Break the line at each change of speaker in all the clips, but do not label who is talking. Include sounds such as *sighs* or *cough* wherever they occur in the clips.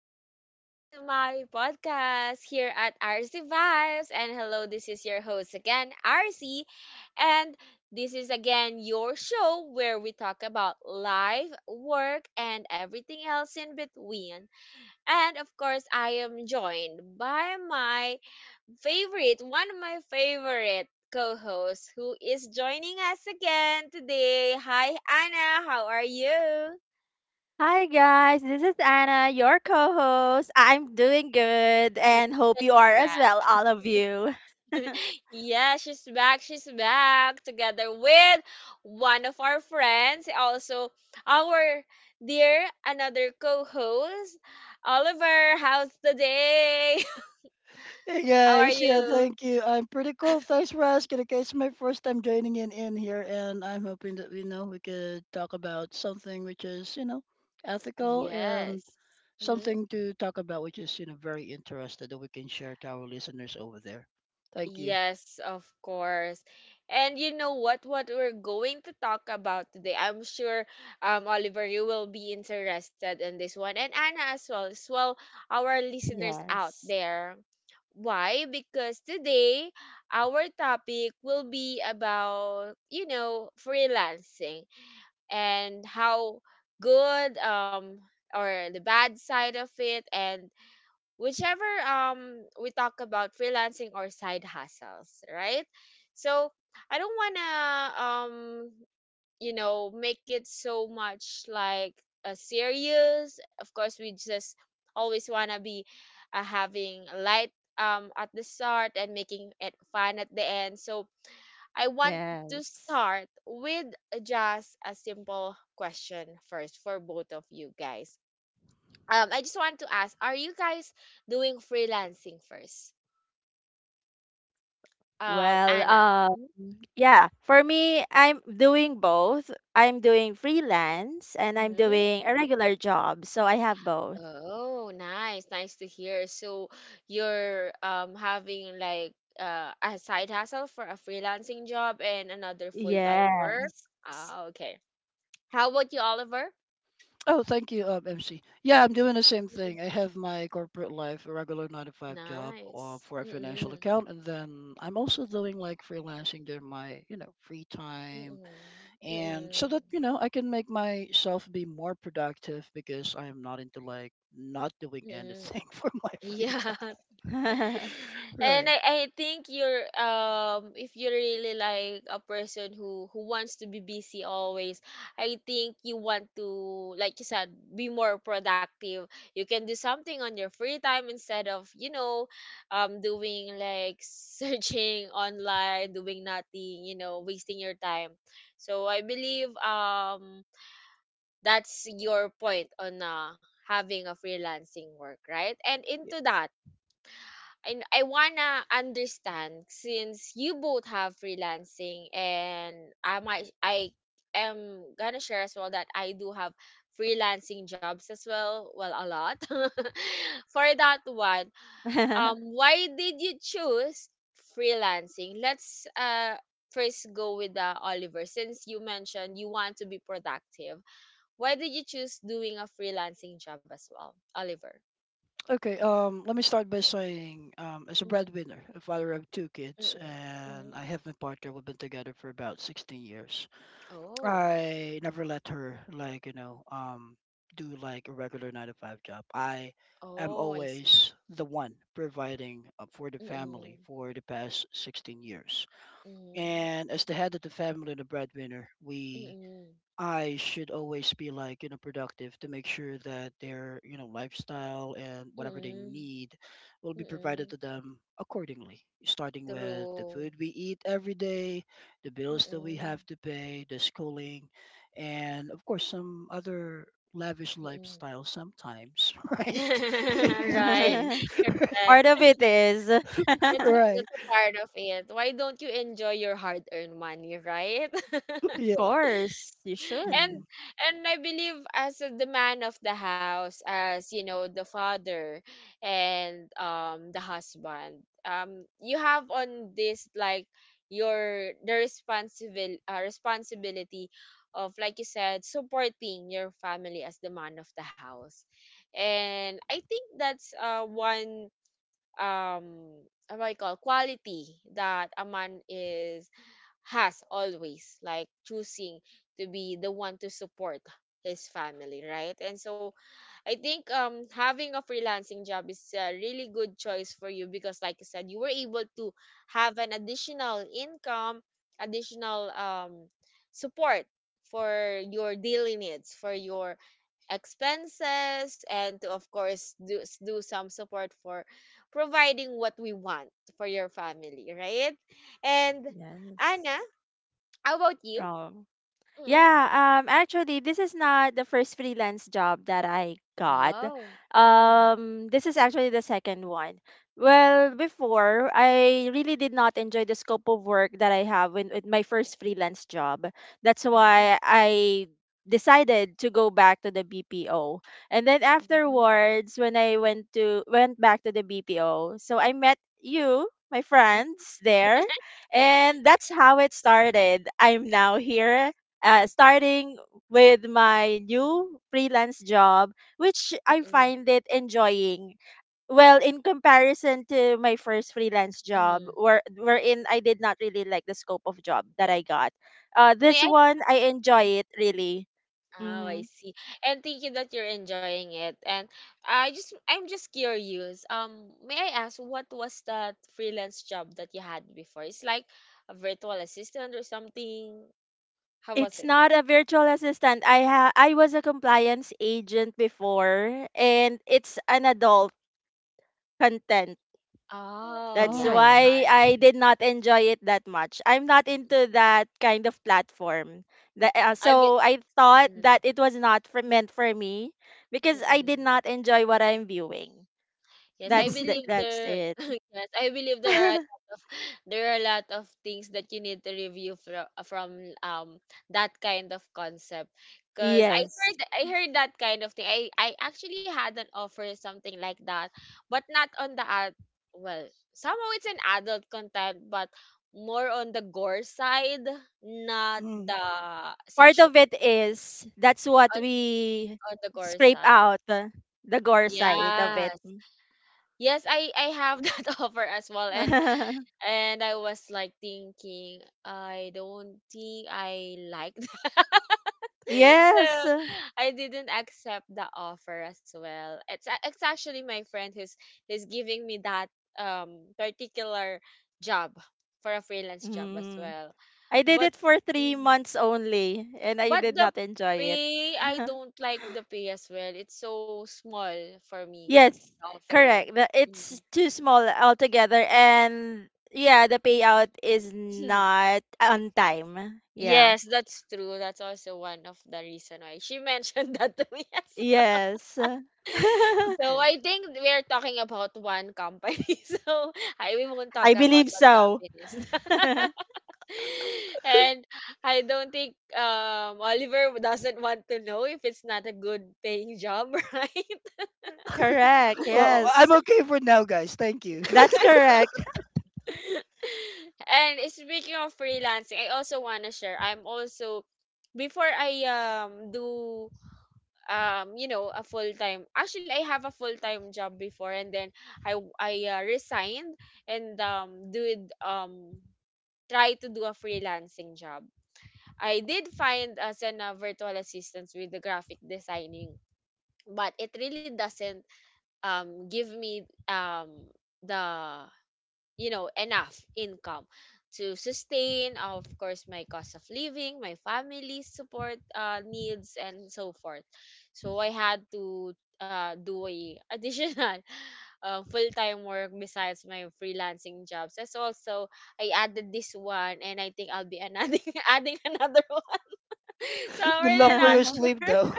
Welcome back to my podcast here at RC Vibes. And hello, this is your host again, RC. And this is again your show where we talk about life, work, and everything else in between. And of course, I am joined by my favorite, one of my favorite co hosts who is joining us again today. Hi, Anna. How are you?
Hi guys, this is Anna, your co-host. I'm doing good and hope you are as
Thank
well, all of you. *laughs*
Yeah, she's back. She's back together with one of our friends, also our dear another co-host, Oliver. How's the day?
Hey
*laughs* How are
guys, yeah,
you?
thank you. I'm pretty cool. Thanks for asking. Okay, it's my first time joining in here, and I'm hoping that we could talk about something which is ethical and
Yes.
something to talk about which is very interested that we can share to our listeners over there. Thank you.
Yes, of course. And you know what? What we're going to talk about today, I'm sure, Oliver, you will be interested in this one, and Anna as well, our listeners out
Yes.
there. Why? Because today our topic will be about, you know, freelancing and how good, or the bad side of it, and whichever, we talk about freelancing or side hustles, right? So I don't want to, make it so much like a serious, of course we just always want to be, having light, at the start, and making it fun at the end. So I want to
Yes.
start with just a simple question first for both of you guys. I just want to ask, are you guys doing freelancing first?
Well,
Anna.
um, yeah, for me, I'm doing both. I'm doing freelance and I'm
Mhm.
doing a regular job, so I have both.
Oh, nice. Nice to hear. So you're, having like, a side hustle for a freelancing job and another full-time work.
Yes.
Ah, okay. How about you, Oliver?
Oh, thank you, MC. Yeah, I'm doing the same
Mm.
thing. I have my corporate life, a regular nine to five job
Nice.
for a financial
Mm-mm.
account, and then I'm also doing like freelancing during my free time,
Mm-mm.
and so
Mm-mm.
that I can make myself be more productive, because I am not into not doing
Mm-mm.
anything *laughs* for my
*laughs*
free
Yeah.
*laughs* Part
time,
And
right?
I think you're, if you're really like a person who wants to be busy always. I think you want to, like you said, be more productive. You can do something on your free time, instead of, doing like *laughs* searching online, doing nothing, wasting your time. So I believe, that's your point on, having a freelancing work, right? And
Y-
into that, and I wanna understand, since you both have freelancing, and I am gonna share as well that I do have freelancing jobs as well. Well, a lot. *laughs* For that one, why did you choose freelancing? Let's, first go with, Oliver, since you mentioned you want to be productive. Why did you choose doing a freelancing job as well, Oliver?
okay. Let me start by saying, as a
Mm-mm,
breadwinner, a father of two kids, and
mm-mm.
I have my partner, we've been together for about 16 years.
Oh.
I never let her, like, do like a regular nine to five job. I am
Oh, I see.
always the one providing, for the
Mm-mm.
family, for the past 16 years.
Mm-mm.
And as the head of the family and the breadwinner, we
Mm-mm.
I should always be, like, you know, productive to make sure that their, you know, lifestyle and whatever they
Mm-mm.
need will be provided
Mm-mm.
to them accordingly, starting with the
True.
food we eat every day, the bills that we
Mm-mm.
have to pay, the schooling, and of course some other lavish
Mm-mm.
lifestyle sometimes, *laughs* right? *laughs* In
*laughs* Right.
case. *laughs*
Correct.
of it is, *laughs* of
That's a,
Right.
that's a part of it. Why don't you enjoy your hard-earned money, right? *laughs*
Yeah.
course, you should.
and
Mm.
and I believe, as the man of the house, as you know, the father and the husband, you have on this, like, your the responsible responsibility of, like you said, supporting your family as the man of the house. And I think that's, one, um what do I call, quality that a man is has, always like choosing to be the one to support his family, right? And so I think, having a freelancing job is a really good choice for you, because, like I said, you were able to have an additional income, additional, support for your daily needs, for your expenses, and to, of course, do some support for providing what we want for your family, right? And Anna,
Yes.
how about you?
Oh.
Mm-hmm.
Yeah, actually, this is not the first freelance job that I got.
Oh. Mm-mm,
This is actually the second one. Well, before, I really did not enjoy the scope of work that I with my first freelance job. That's
mm-mm,
why I decided to go back to the BPO. And then afterwards, when I went back to the BPO, so I met you, my friends there, and that's how it started. I'm now here starting with my new freelance job, which I
mm-mm,
find it enjoying. Well, in comparison to my first freelance job,
mm-mm.
wherein I did not really like the scope of job that I got. This
May I?
one I enjoy it really.
Oh, I
Mm-hmm.
see. And thank you that you're enjoying it. And I'm just curious. May I ask what was that freelance job that you had before? It's like a virtual assistant or something. How was
It's
it?
not a virtual assistant. I was a compliance agent before, and it's an adult content.
Oh,
That's
yeah, it's
Oh.
why
hard.
I did not enjoy it that much. I'm not into
Mm-mm.
that kind of platform.
I've been.
So I thought
Mm-mm,
that it was not for, meant for me because I did
mm-mm.
not enjoy what I'm viewing.
Yes, I believe
That's
there.
it.
*laughs* Yes, I believe there are a
*laughs*
lot of things that you need to review from that kind of concept. Cause
Yes.
I heard that kind of thing. I actually had an offer something like that, but not on the ad. Well, somehow it's an adult content, but more on the gore side, not the
*laughs*
Part
sexual,
of it is that's what
on,
we
on the gore
scrape
side.
out the gore side of
Yes.
it.
Yes, I have *laughs* that offer as well, and
*laughs*
I was like thinking, I don't think I like that. *laughs* So
Yes.
I didn't accept the offer as well. It's actually my friend who's giving me that, particular job for a freelance job as
Mm.
well.
I did
But
it for three
Mhm.
months only and I
But
did
the
not enjoy it.
pay, I
*laughs*
don't like the pay as well. It's so small for me.
Yes,
The offer.
correct. It's
Mhm.
too small altogether, and yeah, the payout is
*laughs*
not on time. Yeah.
Yes, that's true. That's also one of the reason why she *laughs* mentioned that to me *laughs* as well.
Yes. *laughs*
So I
Okay.
think we are talking about one company. *laughs* So I we won't
I
talk
believe
about what
so.
company is that.
*laughs*
*laughs* And I don't think, Oliver doesn't want to know if it's not a good paying job, *laughs* right?
Correct.
*laughs* Well, I'm
Yes.
okay for now, guys. Thank you. *laughs*
That's correct.
*laughs* And speaking of freelancing, I also want to share. I'm also, before I, do, you know, a full time, actually I have a full time job before, and then I resigned, and did, try to do a freelancing job. I did find as an, virtual assistant with the graphic designing, but it really doesn't, give me, um the, you know, enough income to sustain, of course, my cost of living, my family's support, needs, and so forth. So I had to, do a *laughs* additional, full-time work besides my freelancing jobs. As also, I added this one, and I think I'll be another, *laughs* adding another one. *laughs* So I'm
Good
really
luck for
not
your
*laughs* *laughs*
sleep,
sure.
though.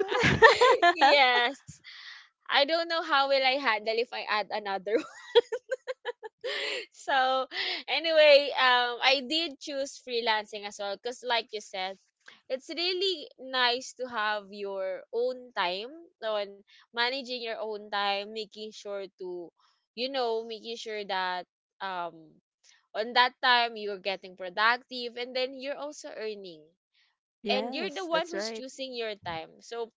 *laughs*
*laughs* Yes, I don't know how will I handle if I add another. So anyway, I did choose freelancing as well, because, like you said, it's really nice to have your own time, on managing your own time, making sure to, making sure that, um on that time you're getting productive, and then you're also earning, and you're the
Yes,
one
that's
who's
right.
choosing your time. So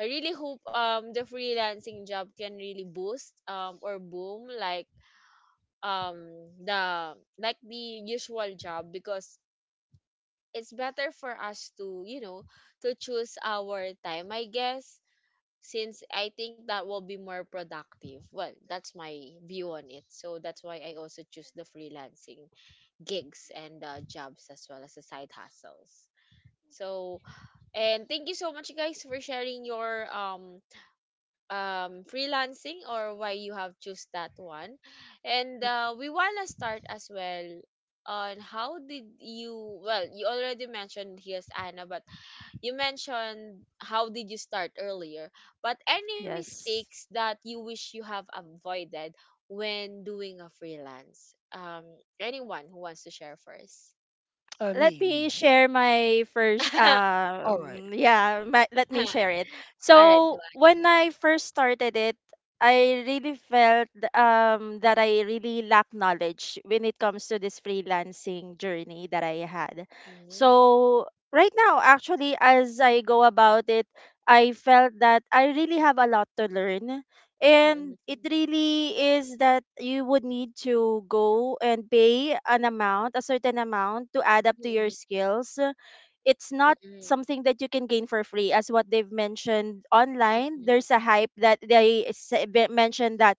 I really hope, the freelancing job can really boost, or boom, like, um the like the usual job, because it's better for us to, to choose our time, I guess, since I think that will be more productive. Well, that's my view on it. So that's why I also choose the freelancing gigs and, jobs, as well as the side hustles. So, and thank you so much, guys, for sharing your, freelancing, or why you have choose that one. And,
Yeah.
we want to start as well on how did you, well, you already mentioned, here's Anna, but you mentioned how did you start earlier, but any
Yes.
mistakes that you wish you have avoided when doing a freelance, anyone who wants to share first?
uh, me, me.
*laughs*
All right.
Let me share
All
it.
right, go
So
on.
when I first started it, I really felt that I really lack knowledge when it comes to this freelancing journey that I had.
Mhm.
So right now, actually, as I go about it, I felt that I really have a lot to learn,
Mhm.
and it really is that you would need to go and pay a certain amount to add up to your
Mhm.
skills. It's not
Mhm.
something that you can gain for free. As what they've mentioned
Mhm.
online,
Mhm.
there's a hype that they mentioned that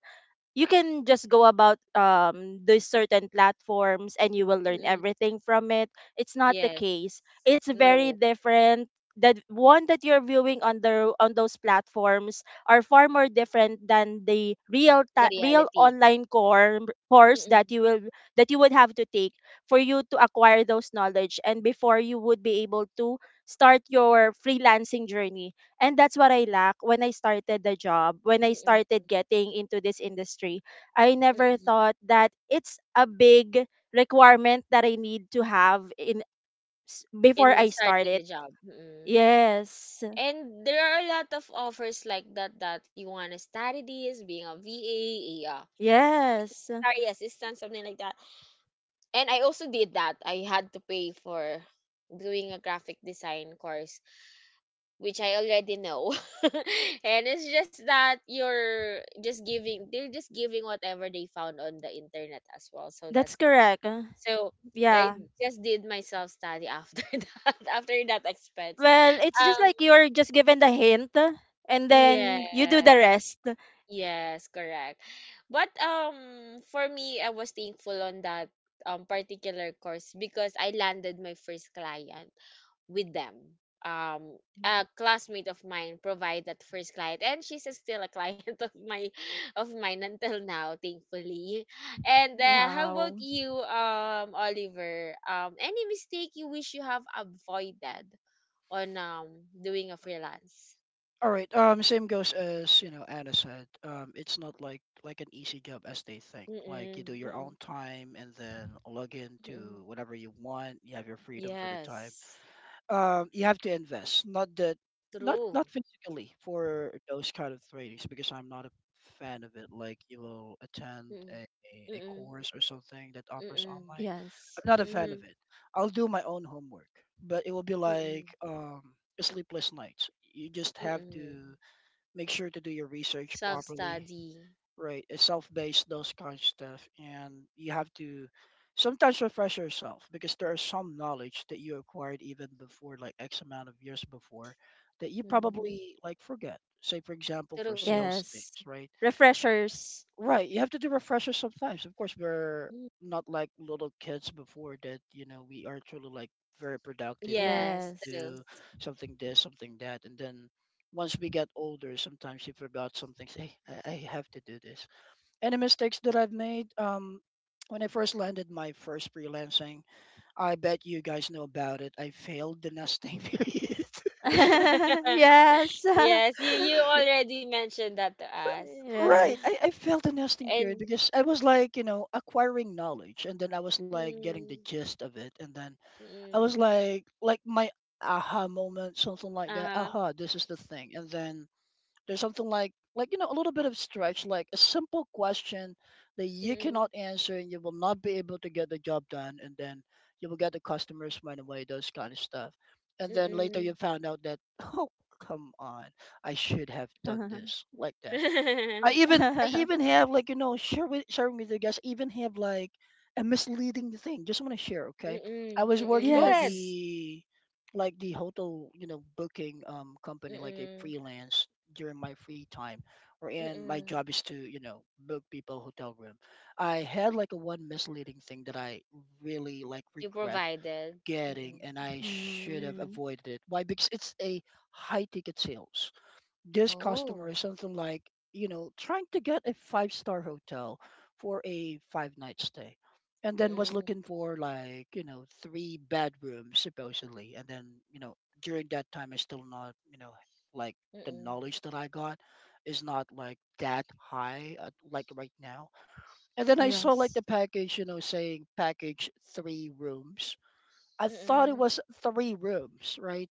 you can just go about these certain platforms and you will learn
Mhm.
everything from it. It's not the
Yes.
case. It's very
No,
different. The one that you're viewing on the on those platforms are far more different than the
the
real
reality.
online core course
Mm-mm.
that you will that you would have to take for you to acquire those knowledge and before you would be able to start your freelancing journey. And that's what I lack when I started the job, when I
Mm-mm.
started getting into this industry. I never
Mm-mm.
thought that it's a big requirement that I need to have in before
In
I start
starting
it.
the job. Mm-mm.
Yes.
And there are a lot of offers like that, that you want to study this, being a VA, a
Yes.
secretary assistant, something like that. And I also did that. I had to pay for doing a graphic design course, which I already know. *laughs* And it's just that you're just giving they're just giving whatever they found on the internet as well. So
That's
that's the thing.
correct.
So I
Yeah.
just did my self study after, *laughs* that, after that expense.
Well, it's just
Um
like you're just given the hint and then you do
yes.
the rest.
Yes, correct. But, for me, I was thankful on that, particular course, because I landed my first client with them. Um, a classmate of mine provided that first client, and she's *laughs* still a client *laughs* of my of mine until now, thankfully. And, how about
Wow.
you, Oliver? Any mistake you wish you have avoided on, doing a freelance?
All right. Same goes, as you know, Anna said. It's not like an easy job as they think. Like,
Mm-mm,
you do your own
mm-mm,
time and then log in
mm-mm.
to whatever you want. You have your freedom for the time.
Yes,
You have to invest, not
true.
not physically for those kind of trainings, because I'm not a fan of it. Like, you will attend
Mm-mm,
a
mm-mm,
course or something that offers
mm-mm,
online.
Yes.
I'm not a fan of
mm-mm,
it. I'll do my own homework, but it will be
mm-mm,
like, a sleepless nights. You just have
mm-mm.
to make sure to do your research
Self
properly,
study.
right? It's self-based, those kind of stuff, and you have to sometimes refresh yourself, because there is some knowledge that you acquired even before, like x amount of years before, that you probably like forget. Say, for example, for
True.
sales
Yes.
things, right?
Refreshers.
Right, you have to do refreshers sometimes. Of course, we're
Mm.
not like little kids before, that you know, we are truly like very productive, we know
Yes,
what to
Yes.
true.
do, something this something that. And then once we get older, sometimes you forgot some things. Hey, I have to do this. Any mistakes that I've made? When I first landed my first freelancing, I bet you guys know about it. I failed the nesting *laughs* period.
*laughs*
*laughs*
Yes. *laughs*
Yes, you
Y-
already mentioned that to us.
Right. I,
yes.
I failed the nesting period
And
because I was, like, you know, acquiring knowledge and then I was like getting the
mm,
gist of it, and then I was
mm,
like my aha moment, something like that.
uh-huh.
Aha, this is the thing. And then there's something like you know a little bit of stretch, like a simple question that you cannot
Mm-mm,
answer and you will not be able to get the job done, and then you will get the customers right away. Those kind of stuff, and then later you
mm-mm.
found out that, oh, come on, I should have done this like that.
*laughs*
I even I
*laughs*
even have like you know share with sharing with you guys. I even have like a misleading thing. Just want to share. Okay, I
Mm-mm,
was
mm-mm.
working
Go
at
ahead.
Yes.
the like the hotel, you know, booking company, like a
Mm-mm,
freelance during my free time, or, and my
mm-mm.
job is to, you know, book people hotel room. I had like a one misleading thing that I really like
You
regret
provided. Mm-mm.
getting, and I should have
Mm,
avoided it. Why? Because it's a high ticket sales. This customer
Oh.
is something like, you know, trying to get a five-star hotel for a five night stay, and then was
Mm-mm,
looking for like you know three bedrooms supposedly, and then you know during that time I still not you know like, the
mm-mm,
knowledge that I got is not like that high, like right now. And then I saw like
yes.
the package, you know, saying package three rooms. I thought it
mm-mm,
was three rooms, right?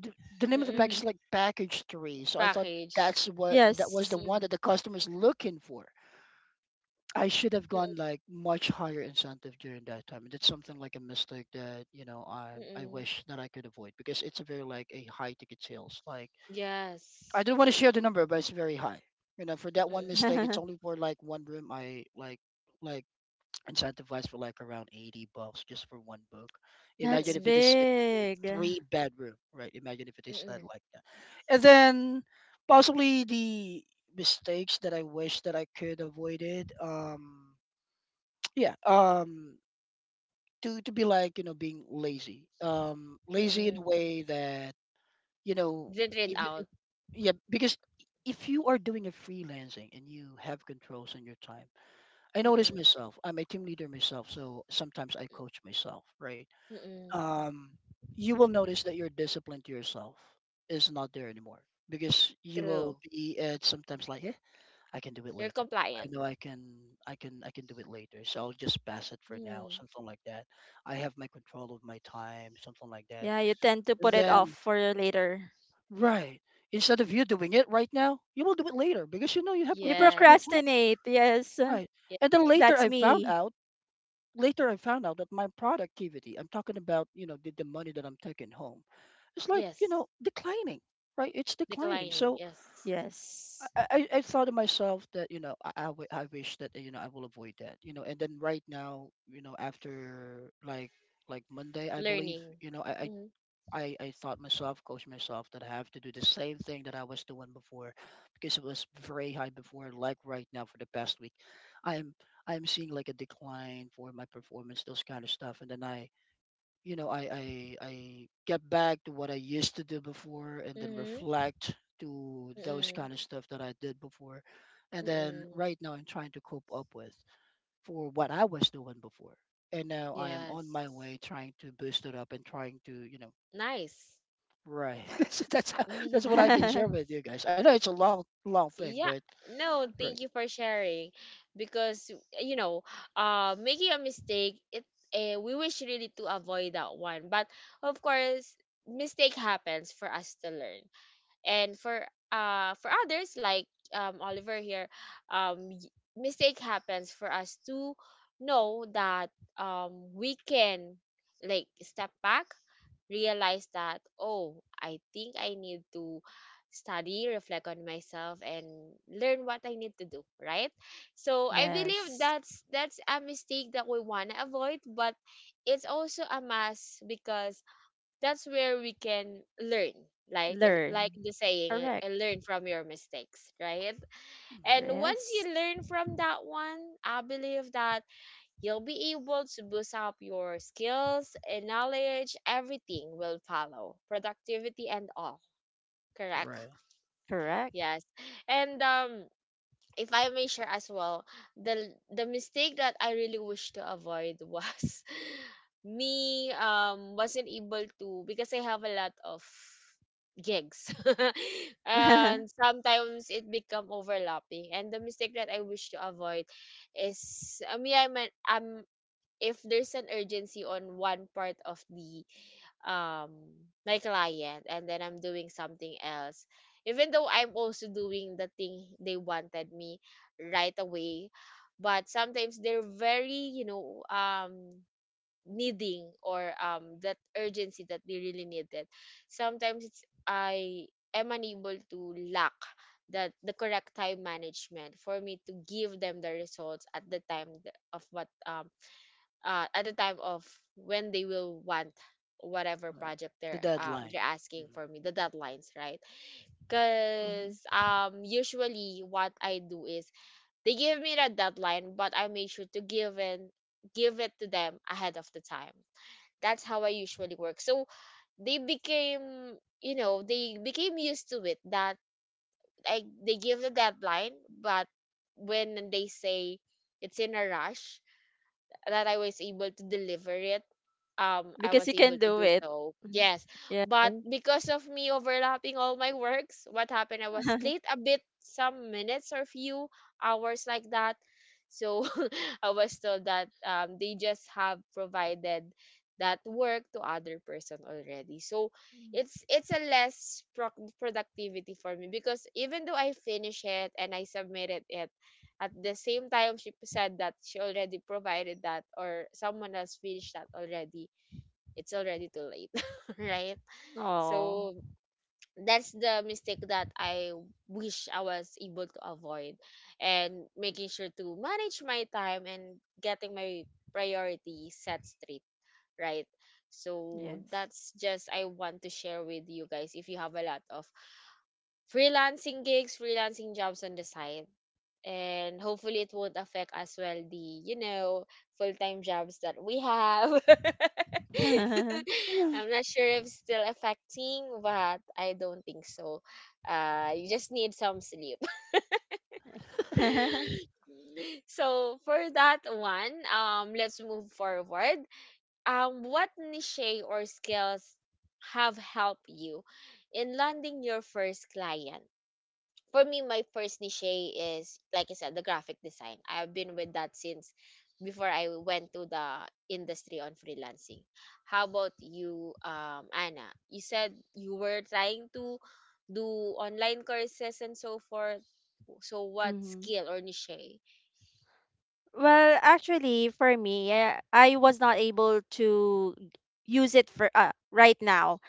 the, the name of the package
mm-mm.
Mhm.
is like package three. So I thought
Package.
that's what that was
Yes.
the one
Mm-mm,
that the customer's looking for. I should have gone
mm-mm,
like much higher incentive during that time. And that's something like a mistake that, you know, I
mm-mm.
wish that I could avoid, because it's a very like a high ticket sales. Like, I
Yes.
don't want to share the number, but it's very high. You know, for that one
Mm-mm,
mistake, it's only
*laughs*
for like one room. I like Incentivized for like around $80 just for one book. Imagine
That's
if
mm-mm,
it is a
big.
three-bedroom, right? Imagine if it is that
mm-mm,
like that. And then possibly the mistakes that I wish that I could avoided. *tsk* Yeah, to be, like, you know, being lazy. Um, lazy in a
mm-mm.
way that, you know,
Didn't read
even if
out.
yeah, because if you are doing a freelancing and you have controls on your time, I notice
Mm-mm.
myself. I'm a team leader myself, so sometimes I
Mm,
coach myself, right?
mm mm mm.
Um, you will notice that your discipline to yourself is not there anymore, because you will
True.
be at sometimes like, yeah, I can do it
You're
later. I
compliant.
know I can, I can, I can do it later. So I'll just pass it for now,
Mm.
something like that. I have my control of my time, something like that.
Yeah, you tend to put it off
Then,
for later.
right, instead of you doing it right now, you will do it later because you know you have
You
controls of your
Yes.
time,
procrastinate. Yes.
right?
Yes.
And then later,
That's
I found
me.
out that my productivity, I'm talking about, you know, the money that I'm taking home, it's like, you
Yes.
know, declining, right? It's declining.
Declining.
So,
Yes.
Yes.
I thought to myself that, you know, I wish that, you know, I will avoid that, you know. And then right now, you know, after like Monday, I believe,
Learning.
you know,
Mm-hmm.
I thought myself, coached myself, that I have to do the same thing that I was doing before, because it was very high before. Like right now, for the past week, I'm I'm seeing like a decline for my performance, those kind of stuff. And then, you know, I get back to what I used to do before, and then
Mm-hmm.
reflect to those
Mm-mm.
kind of stuff that I did before. And then
Mm-mm.
right now, I'm trying to cope up with for what I was doing before, and now I am on
Yes.
my way trying to boost it up and trying to you know.
Nice.
Right. *laughs* So that's how, that's what I
*laughs*
can share with
*laughs*
you guys. I know it's a long thing,
Yeah.
but
No,
right.
thank you for sharing. Because, you know, making a mistake, we wish really to avoid that one. But of course, mistake happens for us to learn. And for others like Oliver here. um y- Mistake happens for us to know that we can, like, step back, realize that, oh, I think I need to study, reflect on myself, and learn what I need to do, right? So I believe
Yes.
that's a mistake that we want to avoid. But it's also a must because that's where we can learn, like
Learn.
like the saying,
Correct.
learn from your mistakes, right? And
Mm.
once
Yes.
you learn from that one, I believe that you'll be able to boost up your skills and knowledge. Everything will follow, productivity and all. Correct.
Right.
Correct.
Yes. And if I may share as well, the the mistake that I really wish to avoid was, *laughs* me, wasn't able to, because I have a lot of gigs *laughs* and
*laughs*
sometimes it become overlapping. And the mistake that I wish to avoid is, I mean, if there's an urgency on one part of the um my client, and then I'm doing something else. Even though I'm also doing the thing they wanted me right away, but sometimes they're very, needing, or that urgency that they really needed. Sometimes it's, I am unable to lack that, the correct time management for me to give them the results at the time, th- of what at the time of when they will want whatever
Right.
project
The
they're um
deadline.
they're asking
Mhm.
for me, the deadlines, right? Because
Mhm.
usually what I do is, they give me the deadline, but I make sure to give it to them ahead of the time. That's how I usually work. So they became used to it, that I, they give the deadline, but when they say it's in a rush, that I was able to deliver it. I
Because
was
you
able
can
to
do
do
it.
so.
Mhm.
Yes.
Yeah.
But because of me overlapping all my works, what happened, I was late
*laughs*
a bit, some minutes or few hours like that. So *laughs* I was told that they just have provided that work to other person already. So it's a less productivity for me, because even though I finish it and I submitted it, at the same time she said that she already provided that, or someone else finished that already. It's already too late, *laughs* right?
Oh,
So that's the mistake that I wish I was able to avoid, and making sure to manage my time and getting my priority set straight, right? So
yes.
that's just, I want to share with you guys, if you have a lot of freelancing gigs, freelancing jobs on the side. And hopefully it won't affect as well the, you know, full-time jobs that we have.
*laughs* Hmm.
*laughs* I'm not sure if it's still affecting, but I don't think so. You just need some sleep. *laughs* So for that one, let's move forward. What niche or skills have helped you in landing your first client? For me, my first niche is, like I said, the graphic design. I've been with that since before I went to the industry on freelancing. How about you, Anna? You said you were trying to do online courses and so forth. So what skill or niche?
Well, actually, for me, I was not able to use it for right now.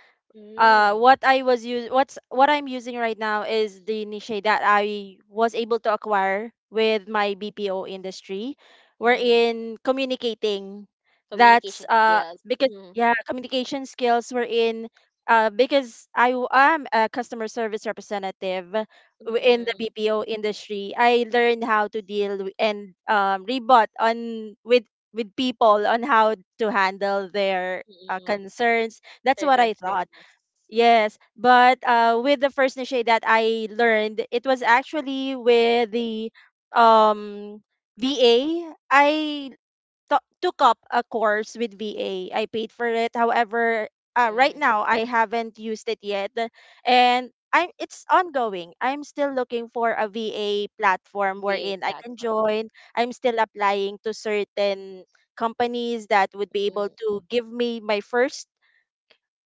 uh
Mm,
what I was use what's what I'm using right now is the niche that I was able to acquire with my BPO industry. We're
mm,
in communicating. That's
communication skills.
because
Mm,
yeah, communication skills. Were in Because I am a customer service representative
mm,
in the
mm,
BPO industry, I learned how to deal w- and rebut on with people on how to handle their
mm,
concerns. That's
their
what I thought.
concerns.
Yes, but with the first niche that I learned, it was actually with the um, VA. I took up a course with VA. I paid for it. However, right
Mm,
now I haven't used it yet, and I'm it's ongoing. I'm still looking for a VA platform
the
wherein I can
platform.
join. I'm still applying to certain companies that would be able
Mm-hmm.
to give me my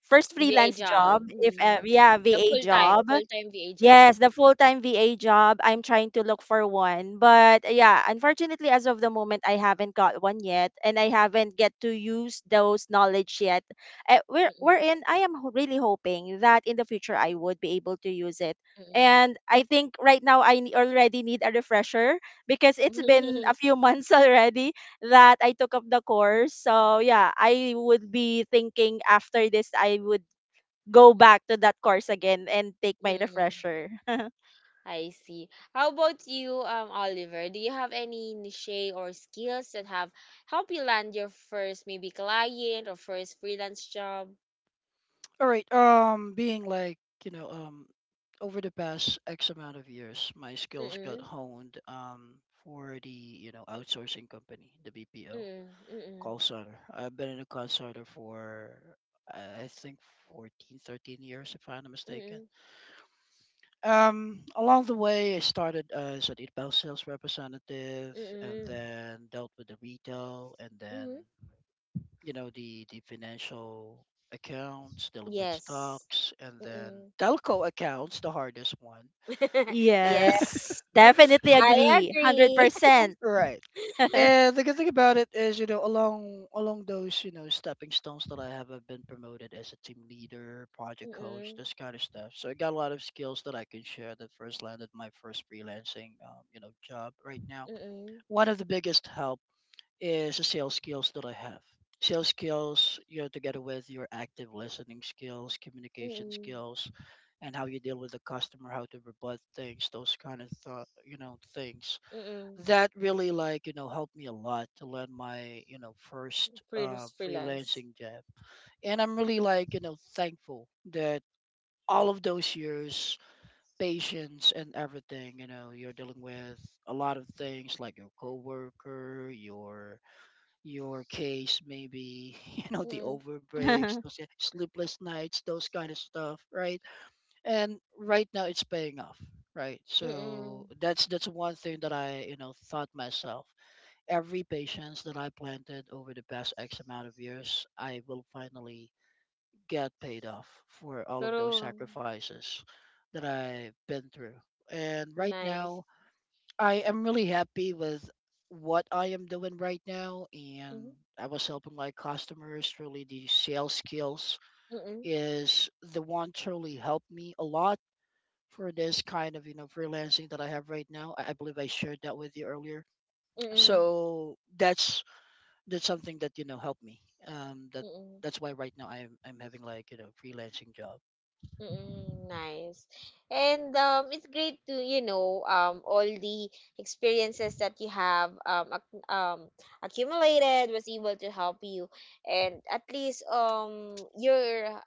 first
VA
freelance
job.
job, if
Mm.
yeah,
The
VA
full-time,
job.
full-time VA job.
Yes, the full-time VA job. I'm trying to look for one. But yeah, unfortunately, as of the moment, I haven't got one yet, and I haven't get to use those knowledge yet.
Mm-mm.
Wherein I am really hoping that in the future I would be able to use it.
Mm-mm.
And I think right now I already need a refresher because it's been a
*laughs*
few months *laughs* already that I took up the course. So yeah, I would be thinking after this I would go back to that course again and take my
Mm-mm.
refresher. *laughs*
I see. How about you, Oliver? Do you have any niche or skills that have helped you land your first, maybe, client, or first freelance job?
All right. Being like, you know, over the past X amount of years, my skills got
Mm-mm.
honed for the, you know, outsourcing company, the BPO
Mm-mm. Mm-mm.
call center. I've been in a call center for I think 14, 13 years if I'm not mistaken.
Mm-mm.
Along the way, I started as an inbound sales representative, and
Mm-mm.
then dealt with the retail, and then
Mm-mm.
you know the financial accounts, dealing with
Yes.
stocks, and then
Mm-mm.
telco accounts, the hardest one.
*laughs* Yeah,
Yes, definitely
I
agree.
agree.
100%.
Right.
*laughs*
And the good thing about it is, you know, along those, you know, stepping stones that I have, I've been promoted as a team leader, project coach,
Mm-mm.
this kind of stuff. So I got a lot of skills that I can share that first landed my first freelancing, you know, job right now.
Mm-mm.
One of the biggest help is the sales skills that I have. Sales skills, you know, together with your active listening skills, communication
Mm-mm.
skills, and how you deal with the customer, how to rebut things, those kind of you know things.
Mm-mm.
That really like helped me a lot to land my first
Freelance, freelance.
freelancing job, and I'm really like thankful that all of those years patience and everything you're dealing with a lot of things like your coworker, your case maybe *laughs* the
Mm,
overbreaks,
*laughs*
those sleepless nights, those kind of stuff, right? And right now it's paying off, right? So
mm.
that's one thing that I thought myself. Every patience that I planted over the past x amount of years, I will finally get paid off for all of those
True.
sacrifices that I've been through. And right
Nice.
now, I am really happy with what I am doing right now.
Mhm,
And I was helping my customers. Really, the sales skills
mm,
is the one truly helped me a lot for this kind of freelancing that I have right now. I believe I shared that with you earlier.
mm,
So that's something that helped me. Um, that
mm,
that's why right now I'm having like freelancing job.
mm. Nice. And it's great to, you know, all the experiences that you have accumulated was able to help you, and at least you're,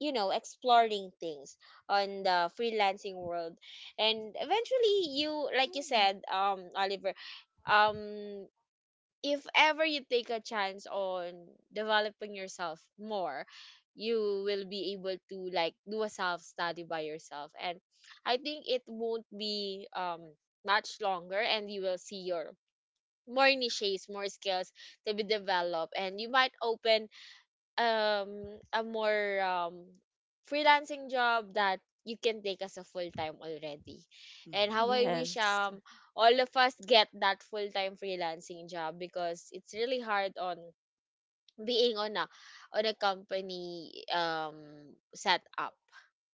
you know, exploring things on the freelancing world. And eventually, you, like you said, Oliver, um if ever you take a chance on developing yourself more, you will be able to, like, do a self study by yourself. And I think it won't be much longer and you will see your more niches, more skills to be developed, and you might open um a more freelancing job that you can take as a full time already. And how
Mhm.
I wish
Yes.
all of us get that full time freelancing job, because it's really hard on being on a company set up.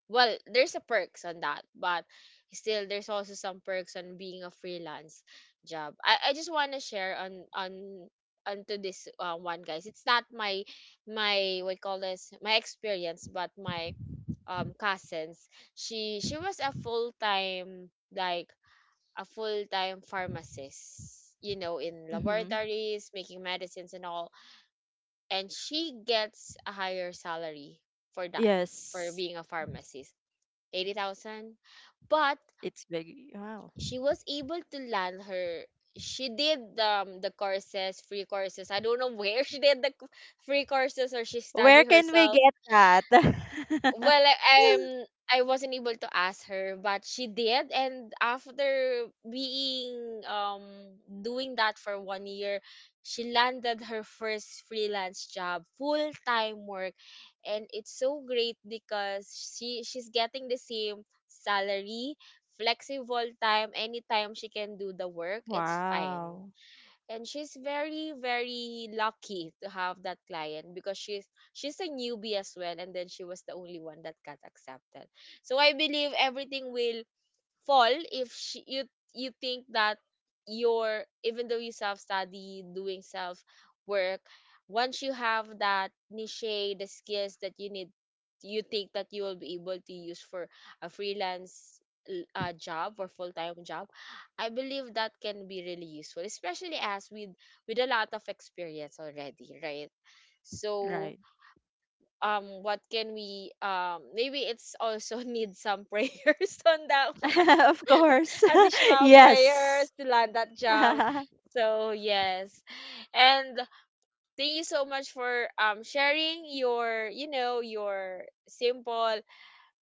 Well, there's a perks on that, but still there's also some perks on being a freelance job. I just want to share on onto this one, guys. It's not my, what you call this, my experience, but my cousins. She was a full-time, like a full-time pharmacist, you know, in
Hmm.
laboratories, making medicines and all. And she gets a higher salary for that, for
Yes.
being a pharmacist, 80,000. But
It's big. Wow.
she was able to land her, she did the courses, free courses, I don't know where, *laughs* she did the free courses, or she
Where
studied
can we
herself,
get that? *laughs*
well, like, i um, I wasn't able to ask her, but she did. And after being doing that for 1 year, she landed her first freelance job, full time work. And it's so great because she's getting the same salary, flexible time, anytime she can do the work, it's fine.
Wow.
And she's very, very lucky to have that client, because she's a newbie as well, and then she was the only one that got accepted. So I believe everything will fall if she, you think that you're, even though you self study, doing self work, once you have that niche, the skills that you need, you think that you will be able to use for a freelance job or full-time job, I believe that can be really useful, especially as with a lot of experience already, right? So
Right.
what can we, maybe it's also *laughs* need some prayers on that *laughs* one,
*laughs* Of course. *laughs*
additional prayers
Yes.
to land that job.
*laughs*
So yes, and thank you so much for sharing your, you know, your simple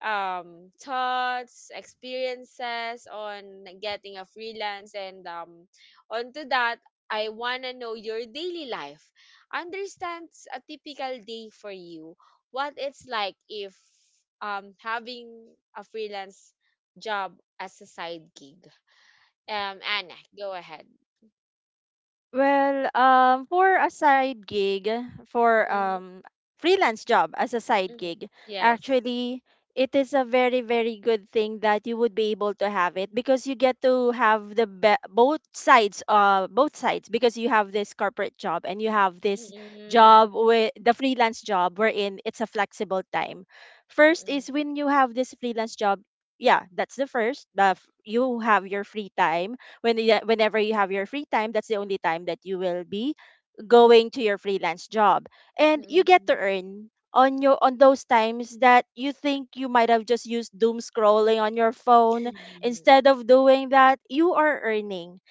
thoughts, experiences on getting a freelance. And onto that, I wanna know your daily life. Understands a typical day for you. What it's like if having a freelance job as a side gig. Anna, go ahead.
For a side gig, for
Mm-hmm,
freelance job as a side
mm-hmm.
gig,
Yes.
actually, it is a very, very good thing that you would be able to have it because you get to have both sides, both sides, because you have this corporate job and you have this
Mm-mm,
job with the freelance job wherein it's a flexible time. First
mm-mm,
is when you have this freelance job, yeah, that's the first. You have your free time when you, whenever you have your free time, that's the only time that you will be going to your freelance job, and you get to
mm-mm,
earn on your on those times that you think you might have just used doom scrolling on your phone.
mm-mm,
Instead of doing that, you are earning.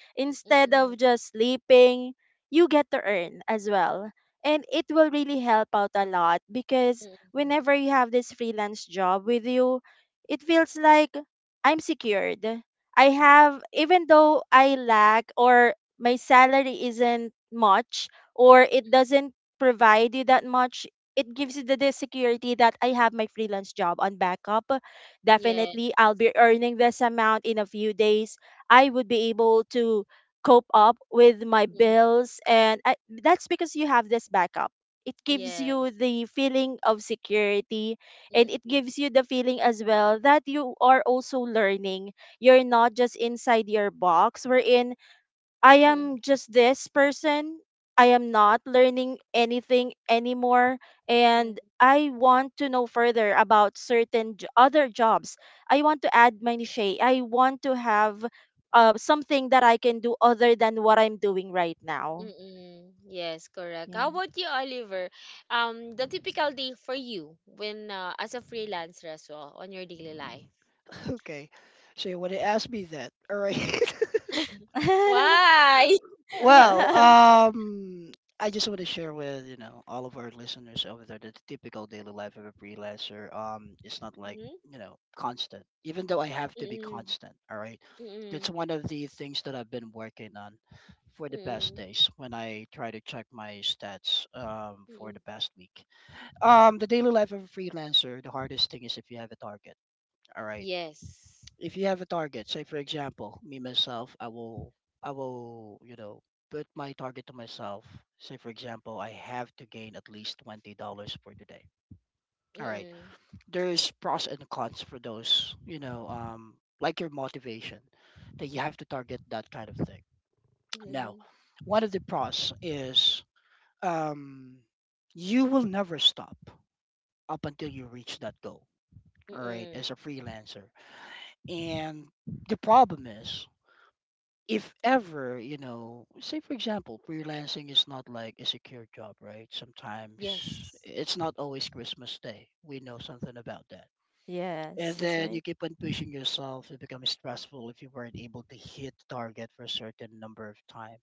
*laughs*
Instead
mm-mm,
of just sleeping, you get to earn as well, and it will really help out a lot because
mm-mm.
whenever you have this freelance job with you, it feels like I'm secured. I have, even though I lack or my salary isn't much or it doesn't provide you that much, it gives you the security that I have my freelance job on backup.
Yes.
Definitely, I'll be earning this amount in a few days. I would be able to cope up with my
Mm,
bills. That's because you have this backup. It gives you
yes.
the feeling of security, and it
Mm-mm,
gives you the feeling as well that you are also learning. You're not just inside your box wherein I am just this person. I am not learning anything anymore
mm-mm,
and I want to know further about certain other jobs. I want to add my niche. I want to have something that I can do other than what I'm doing right now.
mm-mm. Yes, correct.
Yeah.
How about you, Oliver? The typical day for you when as a freelancer as well on your daily life.
*laughs* Okay. So you want to ask me that. All right. *laughs*
*laughs* Why?
Well,
*laughs*
I just want to share with, all of our listeners over there that the typical daily life of a freelancer, it's not like,
Mm-hmm,
constant. Even though I have to be
mm-mm,
constant, all right.
mm-mm,
That's one of the things that I've been working on for the past
mm-mm,
days when I try to check my stats for
mm-mm.
the past week. The daily life of a freelancer, the hardest thing is if you have a target. All right.
Yes.
If you have a target, say for example, me myself, I will, put my target to myself. Say for example, I have to gain at least $20 for today. All right.
Mm-mm.
There's pros and cons for those, like your motivation that you have to target that kind of thing. Now,
Mm-mm.
one of the pros is um you will never stop up until you reach that goal. All right,
Mm-mm.
as a freelancer. And the problem is if ever, say for example, freelancing is not like a secure job, right? Sometimes
Yes.
it's not always Christmas Day. We know something about that. And
Yes, that's
then you
right.
keep on pushing yourself. It becomes stressful if you weren't able to hit target for a certain number of time.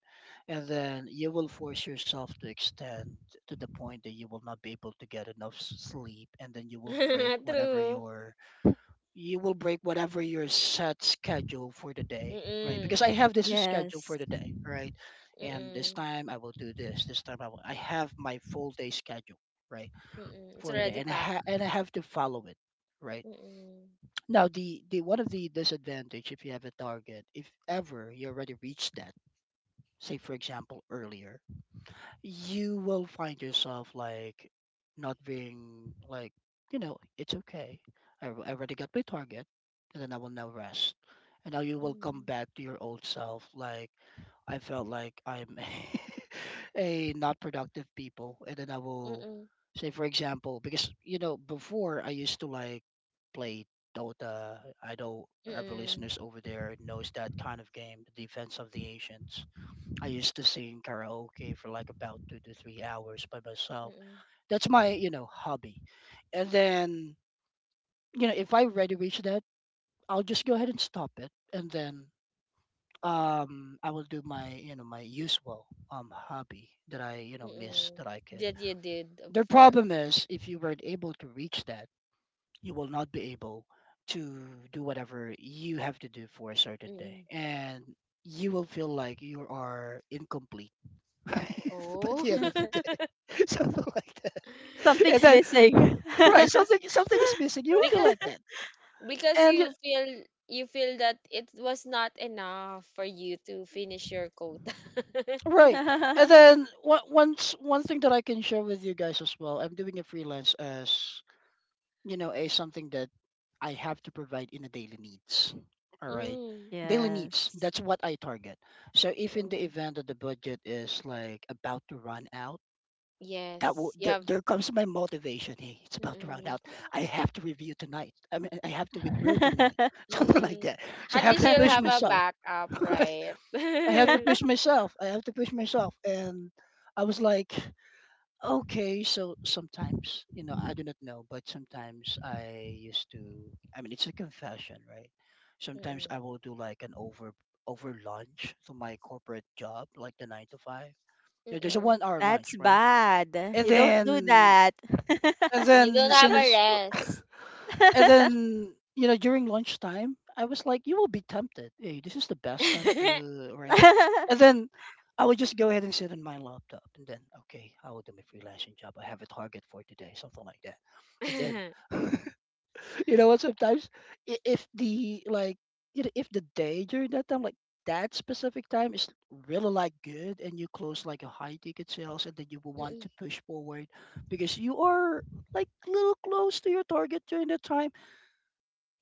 And then you will force yourself to extend to the point that you will not be able to get enough sleep. And then
*laughs* True.
you will break whatever your set schedule for the day, right? Because
Mm-mm.
I have this schedule for
Yes.
the day, right? And this
Mm-mm.
time I will do this. This time I will. I have my full day schedule, right,
Mm-mm. It's
for the day,
already
and I
packed.
ha- and I have to follow it, right?
Mm-mm.
Now the one of the disadvantage if you have a target, if ever you already reached that, say for example earlier, you will find yourself like not being like it's okay. I already got my target, and then I will now rest, and now you will come
Mm-mm.
back to your old self like I felt like I'm *laughs* a not productive people. And then I will,
Mm-mm.
say for example, because before I used to like play dota. I know our
Mm-mm.
listeners over there knows that kind of game, the defense of the ancients. I used to sing karaoke for like about 2 to 3 hours by myself.
Mm-mm.
That's my, hobby. And then, if I already reach that, I'll just go ahead and stop it. And then I will do my usual hobby that I, miss
Mm-mm.
that I could.
That you did
The
before.
problem is if you weren't able to reach that, you will not be able to do whatever you have to do for a certain day.
Mm-mm.
And you will feel like you are incomplete, right? *laughs* By
Oh.
the end of the
*laughs*
day,
*laughs*
*laughs* something like that. And
Something's
then,
missing.
*sighs* right, something is missing. You will feel
because
like that,
because
and you-
you feel that it was not enough for you to finish your quota. *laughs*
right, and
*laughs*
then
*laughs*
one thing that I can share with you guys as well. I'm doing a freelance as a something that I have to provide in a daily needs. All right,
Mm.
daily needs.
Yes.
That's what I target. So if in the
Mm-mm.
event that the budget is like about to run out,
Yes, you
there,
have.
there comes my motivation. Hey, it's about to run
Mm,
out. I have to review tonight. I mean, I have to withdraw tonight,
*laughs*
*laughs* something like
mm.
that. So I
At
have
least
to
you'll
push
have a
myself.
backup,
*laughs*
right?
I have to
*laughs*
push myself. I have to push myself. And I was like, okay. So sometimes, I do not know, but sometimes I used to. I mean, it's a confession, right? Sometimes
Mm,
I will do like an over lunch to my corporate job, like the nine to five. There's a
mm.
1-hour lunch,
That's
right?
bad.
And
You don't
then
do that.
and
You don't
then
have a
since
rest.
*laughs* and
*laughs*
then during lunchtime, I was like, you will be tempted. Hey, this is the best time to,
*laughs*
right. And then I would just go ahead and sit on my laptop and then okay, I will do my freelancing job. I have a target for today, something like that. And then you know what, sometimes if the if the day during that time, like that specific time is really like good and you close like a high ticket sales, and then you will want
Mm,
to push forward because you are like little close to your target during that time,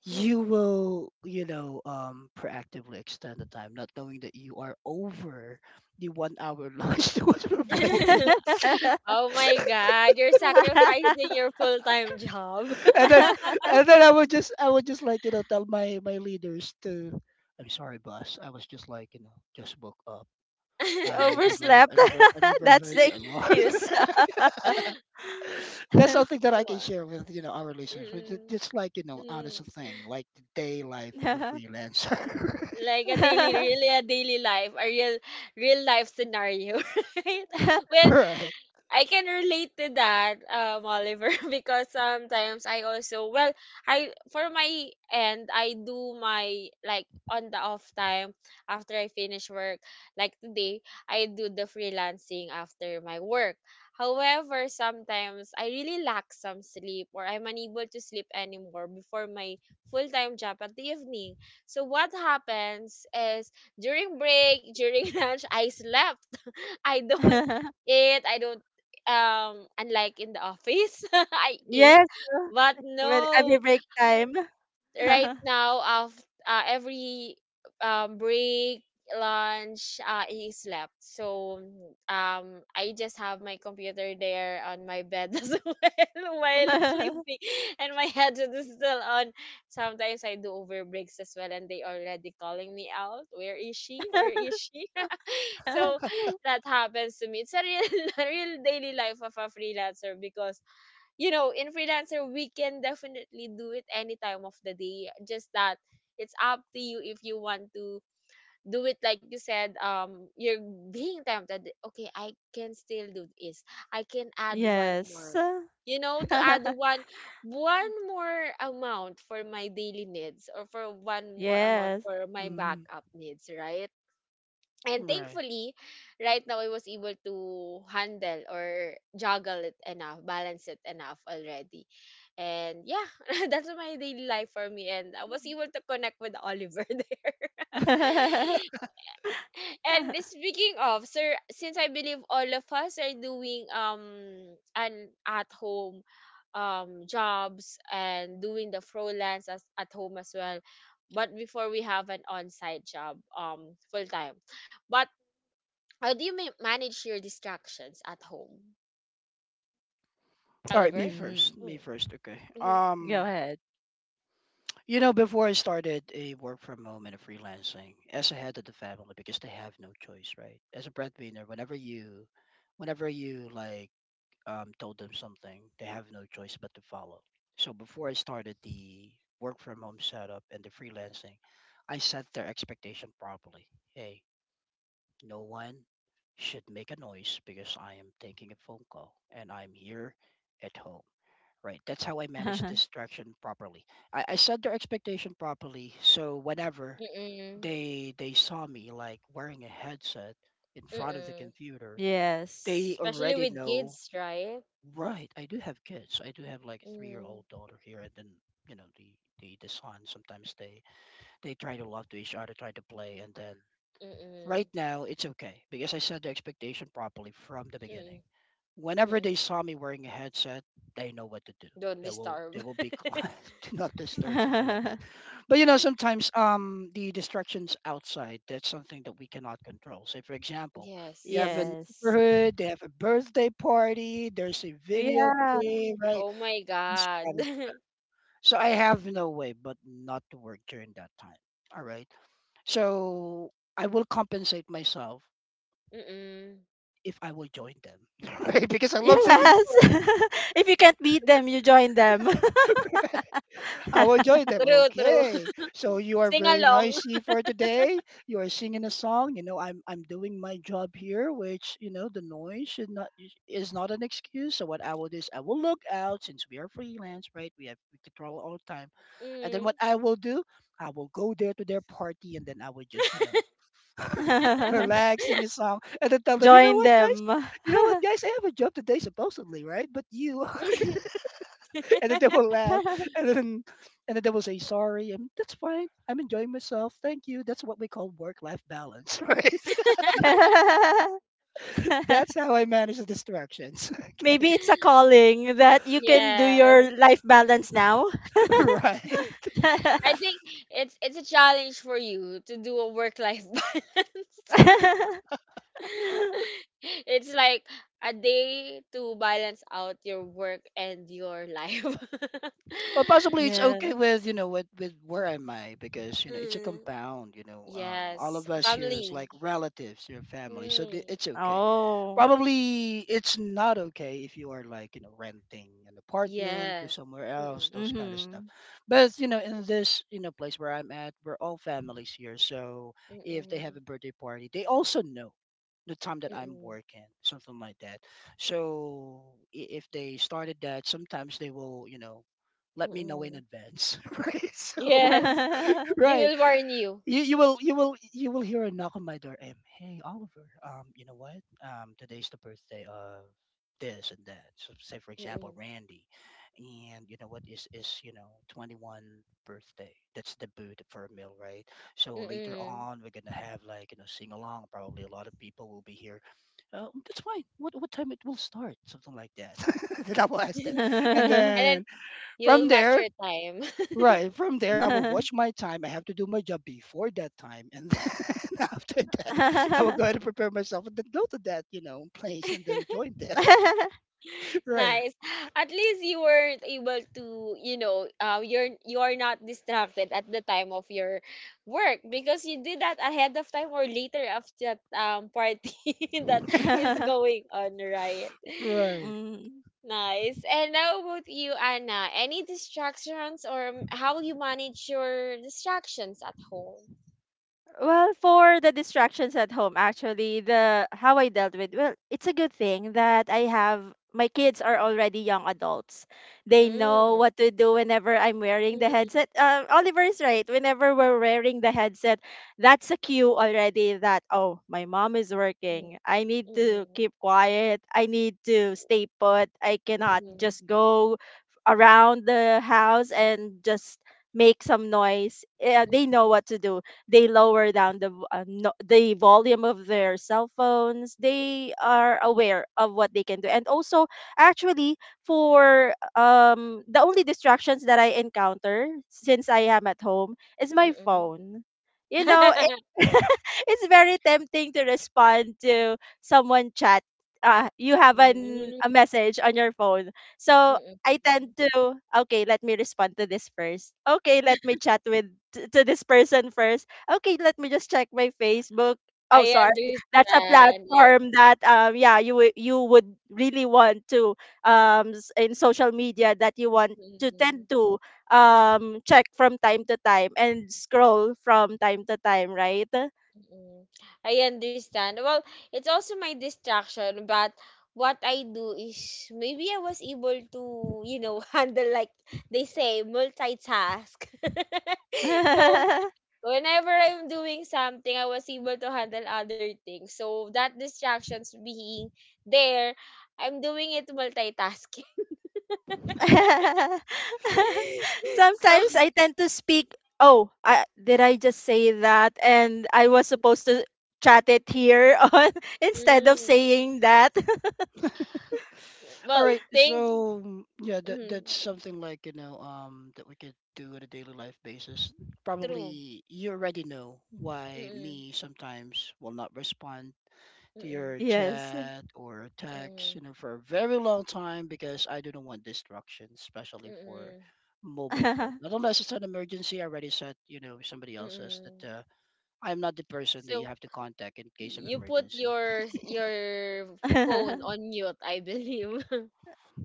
you
mm.
will proactively extend the time, not knowing that you are over the 1-hour lunch *laughs* that was provided.
*laughs*
*laughs*
Oh my God, you're sacrificing your full-time job.
And then I would just like tell my leaders to, I'm sorry boss, I was just like just woke up.
You
*laughs*
overslept.
I
*laughs*
never
That's
heard
the
the alarm.
excuse.
*laughs* That's something that I can
Wa-
share with our listeners, which is
Mm,
just like
mm.
honest thing, like the day life of a freelancer.
Like a daily,
*laughs*
really a daily life, a real, real life scenario, *laughs* right?
*laughs*
Well,
Right.
I can relate to that, Oliver, *laughs* because sometimes I also, well, I for my end, I do my, like, on the off time after I finish work. Like today, I do the freelancing after my work. However, sometimes I really lack some sleep or I'm unable to sleep anymore before my full-time job at the evening. So what happens is, during break, during *laughs* lunch, I slept. I don't eat. I don't, unlike in the office, *laughs* I
*laughs*
eat.
Yes,
But
when every
no,
break time.
right
*laughs*
now of every break, lunch, he slept. So I just have my computer there on my bed *laughs* as well, while sleeping, and my headset is still on. Sometimes I do over breaks as well and they already calling me out, where is she, where is she? *laughs* So that happens to me. It's a real, *laughs* a real daily life of a freelancer. Because, you know, in freelancer, we can definitely do it any time of the day. Just that it's up to you if you want to do it. Like you said, you're being tempted. Okay, I can still do this. I can add one
Yes.
more.
*laughs*
You know, to add one more amount for my daily needs, or for one more amount
Yes.
for my
Mhm.
backup needs, right? And
Right.
thankfully, right now I was able to handle or juggle it enough, balance it enough already. And yeah, *laughs* that's my daily life for me. And I was able to connect with Oliver *laughs* there.
*laughs*
And speaking of, sir, since I believe all of us are doing an at home jobs, and doing the freelance as at home as well, but before we have an on-site job, full time. But how do you manage your distractions at home,
All right, me
Oliver?
first,
Mm,
me
Mm.
first, okay.
Mm-hmm.
go ahead.
You know, before I started a work from home and a freelancing as a head of the family, because they have no choice, right? As a breadwinner, whenever you like, told them something, they have no choice but to follow. So before I started the work from home setup and the freelancing, I set their expectation properly. Hey, no one should make a noise because I am taking a phone call and I'm here at home. Right. That's how I manage
*laughs*
distraction properly. I set their expectation properly. So whenever
Mm-mm.
they saw me like wearing a headset in front of the
Mm-mm.
computer, they
Yes.
Especially
already
with
know,
kids, right?
right, I do have kids. I do have like a 3-year
Mm-hmm.
old daughter here and then, the, the son sometimes they try to love to each other, try to play, and then
Mm-mm.
right now it's okay because I set the expectation properly from the beginning.
Mm-mm.
Whenever they
Mm-mm.
saw me wearing a headset, they know what to do.
Don't
They will they
disturb.
will be quiet,
*laughs*
*laughs* do not disturb, something like that.
*laughs*
But sometimes the distractions outside, that's something that we cannot control. Say for example, you have a
Yes.
Yes.
neighborhood, they have a birthday party, there's a video
Yeah.
game, right?
Oh my
This kind
God.
of-
*laughs*
So I have no way but not to work during that time. All right. So I will compensate myself
Mm-mm.
if I will join them. *laughs* Right? Because I love singing,
Yes. *laughs* If you can't beat them, you join them.
I will join them.
True, true.
Okay. So
*laughs*
you are
Sing
very
along.
noisy
*laughs*
for today. You are singing a song. You know, I'm doing my job here, which the noise should not is not an excuse. So what I will do is I will look out since we are freelance, right? We control all the time. And then what
Mm.
I will do, I will go there to their party, and then I will just
*laughs*
relax, sing a song, and then tell them,
Join them.
you know what,
*laughs*
guys, I have a job today supposedly, right? But you And then they will laugh, and then they will say sorry, and that's fine, I'm enjoying myself, thank you. That's what we call work life balance. *laughs* Right.
*laughs*
That's how I manage the distractions. *laughs* Okay.
Maybe it's a calling that you can do
Yes.
your life balance now.
*laughs*
*laughs*
Right.
I think
*laughs*
it's a challenge for you to do a work life *laughs* balance. *laughs* It's like a day to balance out your work and your life. *laughs*
Well, possibly it's
Yeah.
okay with with where am I, because it's a
Mm,
compound. All
yes,
of us here is like
family.
relatives, your family, so
Mm,
it's okay.
Oh.
Probably it's not okay if you are like renting an apartment to
yes.
somewhere else,
Mm-mm,
those kind of stuff.
Mm-hmm.
But in this place where I'm at, we're all families here. So if they
mm-mm,
have a birthday party, they also know the time that I'm
mm-mm,
working, something like that. So if they started that, sometimes they will, let me know in
mm-mm.
advance. *laughs* Right. So
Yes,
*laughs*
they
right,
will warn you.
you will hear a knock on my door. Hey Oliver, you know what, today's the birthday of this and that. So, say for example,
Mm-mm,
Randy, and you know what, is 21 birthday. That's the boot for a meal, right? So later
mm-mm.
on we're gonna have like, sing along. Probably a lot of people will be here. Oh, that's fine. What time it will start, something like that. *laughs* Then I will
*laughs*
ask them.
And
And
then
then from
you'll match
there.
your time. *laughs*
Right. From there, I will
*laughs*
watch my time. I have to do my job before that time. And *laughs* then after that, I will
*laughs*
go ahead and prepare myself and then go to that, place and then join that. *laughs* Right.
Nice. At least you weren't able to, you're not distracted at the time of your work because you did that ahead of time or later of that party *laughs* that is going on, right?
Right.
Mm.
Nice. And how about you, Anna? Any distractions or how you manage your distractions at home?
Well, for the distractions at home, actually, the how I dealt with, well, it's a good thing that I have my kids are already young adults. They know
Mm.
what to do whenever I'm wearing the
Mm.
headset. Oliver is right. Whenever we're wearing the headset, that's a cue already that oh, my mom is working. I need to
Mm.
keep quiet. I need to stay put. I cannot
Mm.
just go around the house and just make some noise.
Mm.
They know what to do. They lower down the v- no, the volume of their cell phones. They are aware of what they can do. And also, actually, for the only distractions that I encounter since I am at home is
Mm.
my
Mm.
phone. You know it,
Mm. *laughs*
*laughs* it's very tempting to respond to someone chat. You have an
Mm.
a message on your phone, so
Mm.
I
Mm.
tend to, okay, let me respond to this first. Okay, let me chat with to this person first. Okay, let me just check my Facebook. Oh,
I
sorry. That's a
understand. I,
platform that yeah, you would really want to in social media that you want to
mm,
tend to check from time to time and scroll from time to time, right?
mm. I understand. Well, it's also my distraction, but what I do is maybe I was able to, you know, *laughs* handle like they say, multitask. *laughs* so
*laughs*
whenever I'm doing something, I was able to handle other things. So that distractions being there, I'm doing it multitasking. *laughs* So,
Sometimes I tend to speak, oh, I, did I just say that and I was supposed to chat it here on *laughs* instead of
mm,
saying that. *laughs*
All
well,
right.
thank.
So mm, yeah, that's
Mm,
something like, that we could do on a daily life basis.
true.
Probably you already know why
Mm-mm.
me sometimes will not respond to
Mm-mm,
your
Yes.
chat or text,
mm-mm,
for a very long time because I do not want distraction, especially for
mm-mm,
mobile phone. Not
*laughs*
unless it's an emergency. I already said, somebody else says that
mm-mm.
I'm not the person that you
So
have to contact in case of
you put
emergency.
your phone on mute, I believe. *laughs*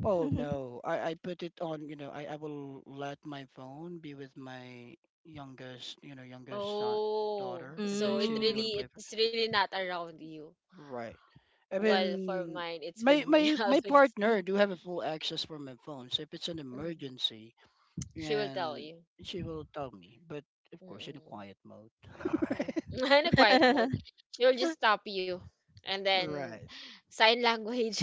Oh no, I put it on, I will let my phone be with my youngest son,
Oh,
daughter, and then
so it
she'll be able to
Mm.
really
play.
it's really not around you.
Right. I
Well, for
mean,
mine, it's with
my
me
my
*laughs*
my
always.
partner do have a full access for my phone, so if it's an
Mm.
emergency,
She will tell
and
you.
she will tell me. But of course, in a
Mm-mm.
quiet mode. *laughs*
Mm-mm. *laughs* In a quiet mode,
*laughs*
she will just stop you, and then
Right.
sign language.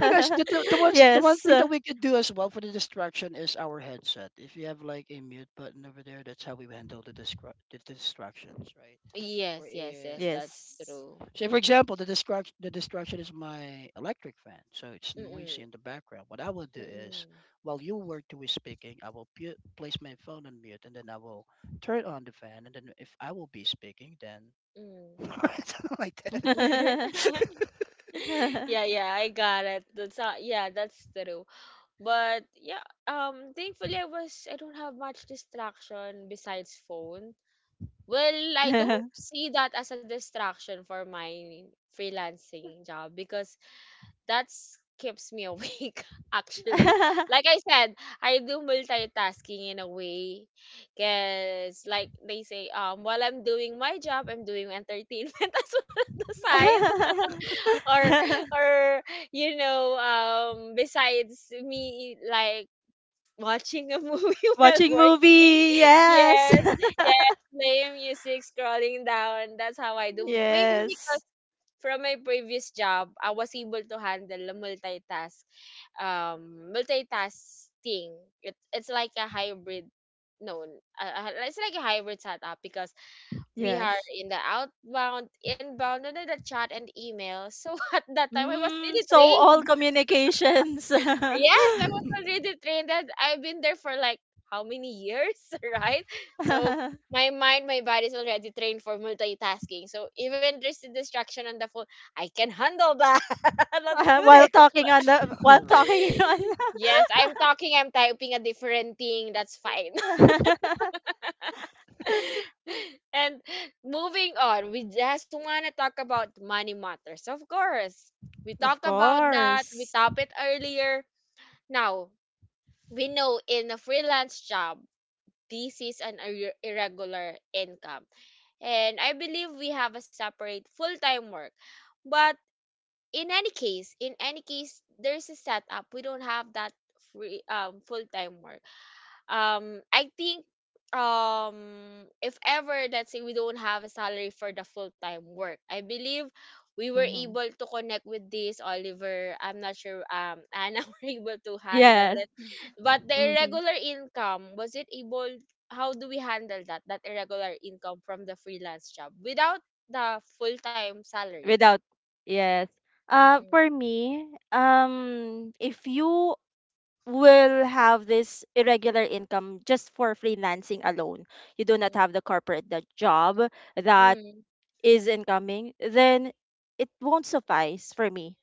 Now, guys, the, the, the ones the
*laughs*
one
Yes.
thing that we could do as well for the distraction is our headset. If you have like a mute button over there, that's how we handle the the distractions, right? We're
Yes, yes,
in.
yes, that's
Yes.
true.
Say, for example, the destruction is my electric fan, so it's noisy
Mm-mm.
in the background. What I will do is,
Mm-mm.
while you were two is speaking, I will place my phone on mute, and then I will turn on the fan, and then if I will be speaking, then
Mm.
*laughs* something like that.
*laughs*
*laughs*
*laughs*
Yeah, yeah, I got it. That's not, yeah, that's true. But yeah, thankfully I don't have much distraction besides phone. Well, I don't see that as a distraction for my freelancing job because that's keeps me awake *laughs* actually. Like I said, I do multitasking in a way because like they say while I'm doing my job, I'm doing entertainment *laughs* as well on the side. Or or you know besides me like watching a movie *laughs* while
Watching
working.
movie. Yes.
Yes,
*laughs*
yes, playing music, scrolling down. That's how I do. Maybe because
Yes.
from my previous job I was able to handle a multitasking. It's like a no uh, hybrid setup because we are
Yes.
in the outbound, inbound, under the chat and email. So *laughs* at that time, I was
Mm,
really
so all
trained.
communications *laughs*
Yes, I was already trained, and I've been there for like how many years, *laughs* right? So my mind, my body is already trained for multitasking. So even there's a distraction on the phone, I can handle that. *laughs* Let's do this.
All
while
right,
talking *laughs* on.
*laughs* Yes, I'm talking, I'm typing a different thing. That's fine.
*laughs*
*laughs* And moving on, we just want to talk about money matters. Of course, we talk
Of
about that. We
course.
top it earlier. Now we know in a freelance job, this is an irregular income, and I believe we have a separate full-time work. But in any case, there's a setup. We don't have that free full-time work. I think um if ever, let's say we don't have a salary for the full time work, I believe we were
Hmm.
able to connect with this Oliver. I'm not sure Anna *laughs* were able to handle
Yes.
it. But the
Mm-hmm.
irregular income, was it able how do we handle that? That irregular income from the freelance job without the full time salary.
Without, yes.
Mm-mm.
For me, if you will have this irregular income just for freelancing alone, you do not
Mm-mm.
have the corporate the job that
Mm-mm.
is incoming, then it won't suffice for me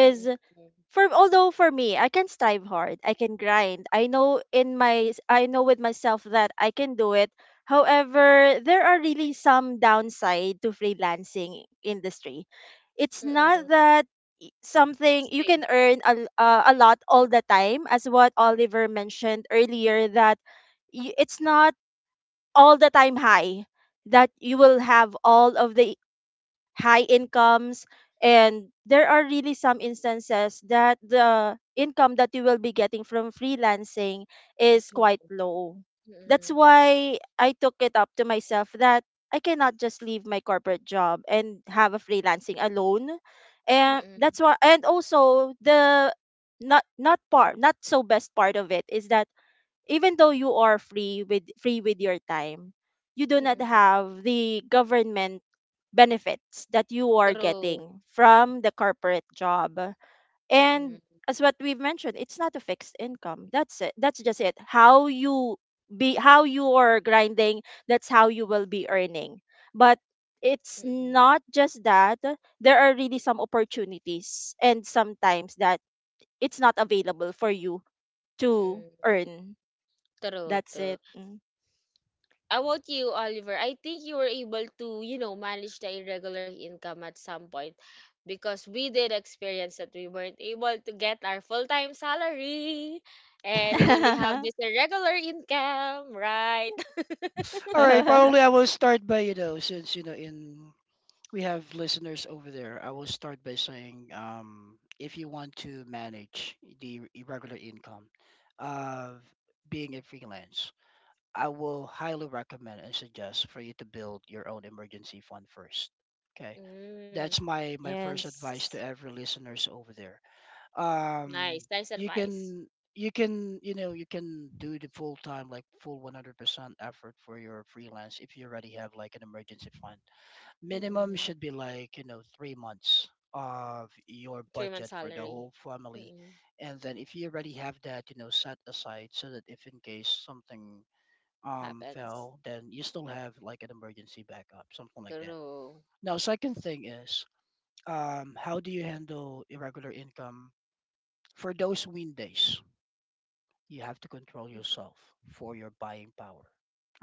Mm-mm.
for although for me I can strive hard, I can grind, I know with myself that I can do it. However, there are really some downside to freelancing industry. It's not
Mm-mm.
that something you can
Stable.
earn a lot all the time. As what Oliver mentioned earlier, it's not all the time high that you will have all of the high incomes. And there are really some instances that the income that you will be getting from freelancing is quite
Small.
low. That's
Mm-mm.
why I took it up to myself that I cannot just leave my corporate job and have a freelancing alone. And
Mm-mm.
that's why, and also the not so best part of it is that even though you are free with your time, you do not
Mm-mm.
have the government benefits that you are
True.
getting from the corporate job. And
Mm-mm.
as what we've mentioned, it's not a fixed income. That's it. That's just it. How you be how you are grinding, that's how you will be earning. But it's
Mm-mm.
not just that. There are really some opportunities and sometimes that it's not available for you to
Mm-mm.
earn.
True,
That's
true.
it. Mm.
How about you, Oliver? I think you were able to, you know, manage the irregular income at some point because we did experience that we weren't able to get our full-time salary and we only have this irregular income, right? *laughs*
all right. Probably
*laughs*
I will start by since you know in we have listeners over there. I will start by saying, if you want to manage the irregular income of being a freelance, I will highly recommend and suggest for you to build your own emergency fund first. Okay,
Mm,
that's my first advice to
Yes.
every listeners over there. Um,
nice, nice
you
advice.
can you can do the full time like full 100% effort for your freelance if you already have like an emergency fund minimum
Mm-mm.
should be like 3 months of your
Three
budget
months
for the
salary.
whole family.
Mm-mm.
And then if you already have that, set aside so that if in case something
Happens.
fell, then you still have like an emergency backup, something like that.
True.
Now, second thing is, how do you handle irregular income? For those win days, you have to control yourself for your buying power,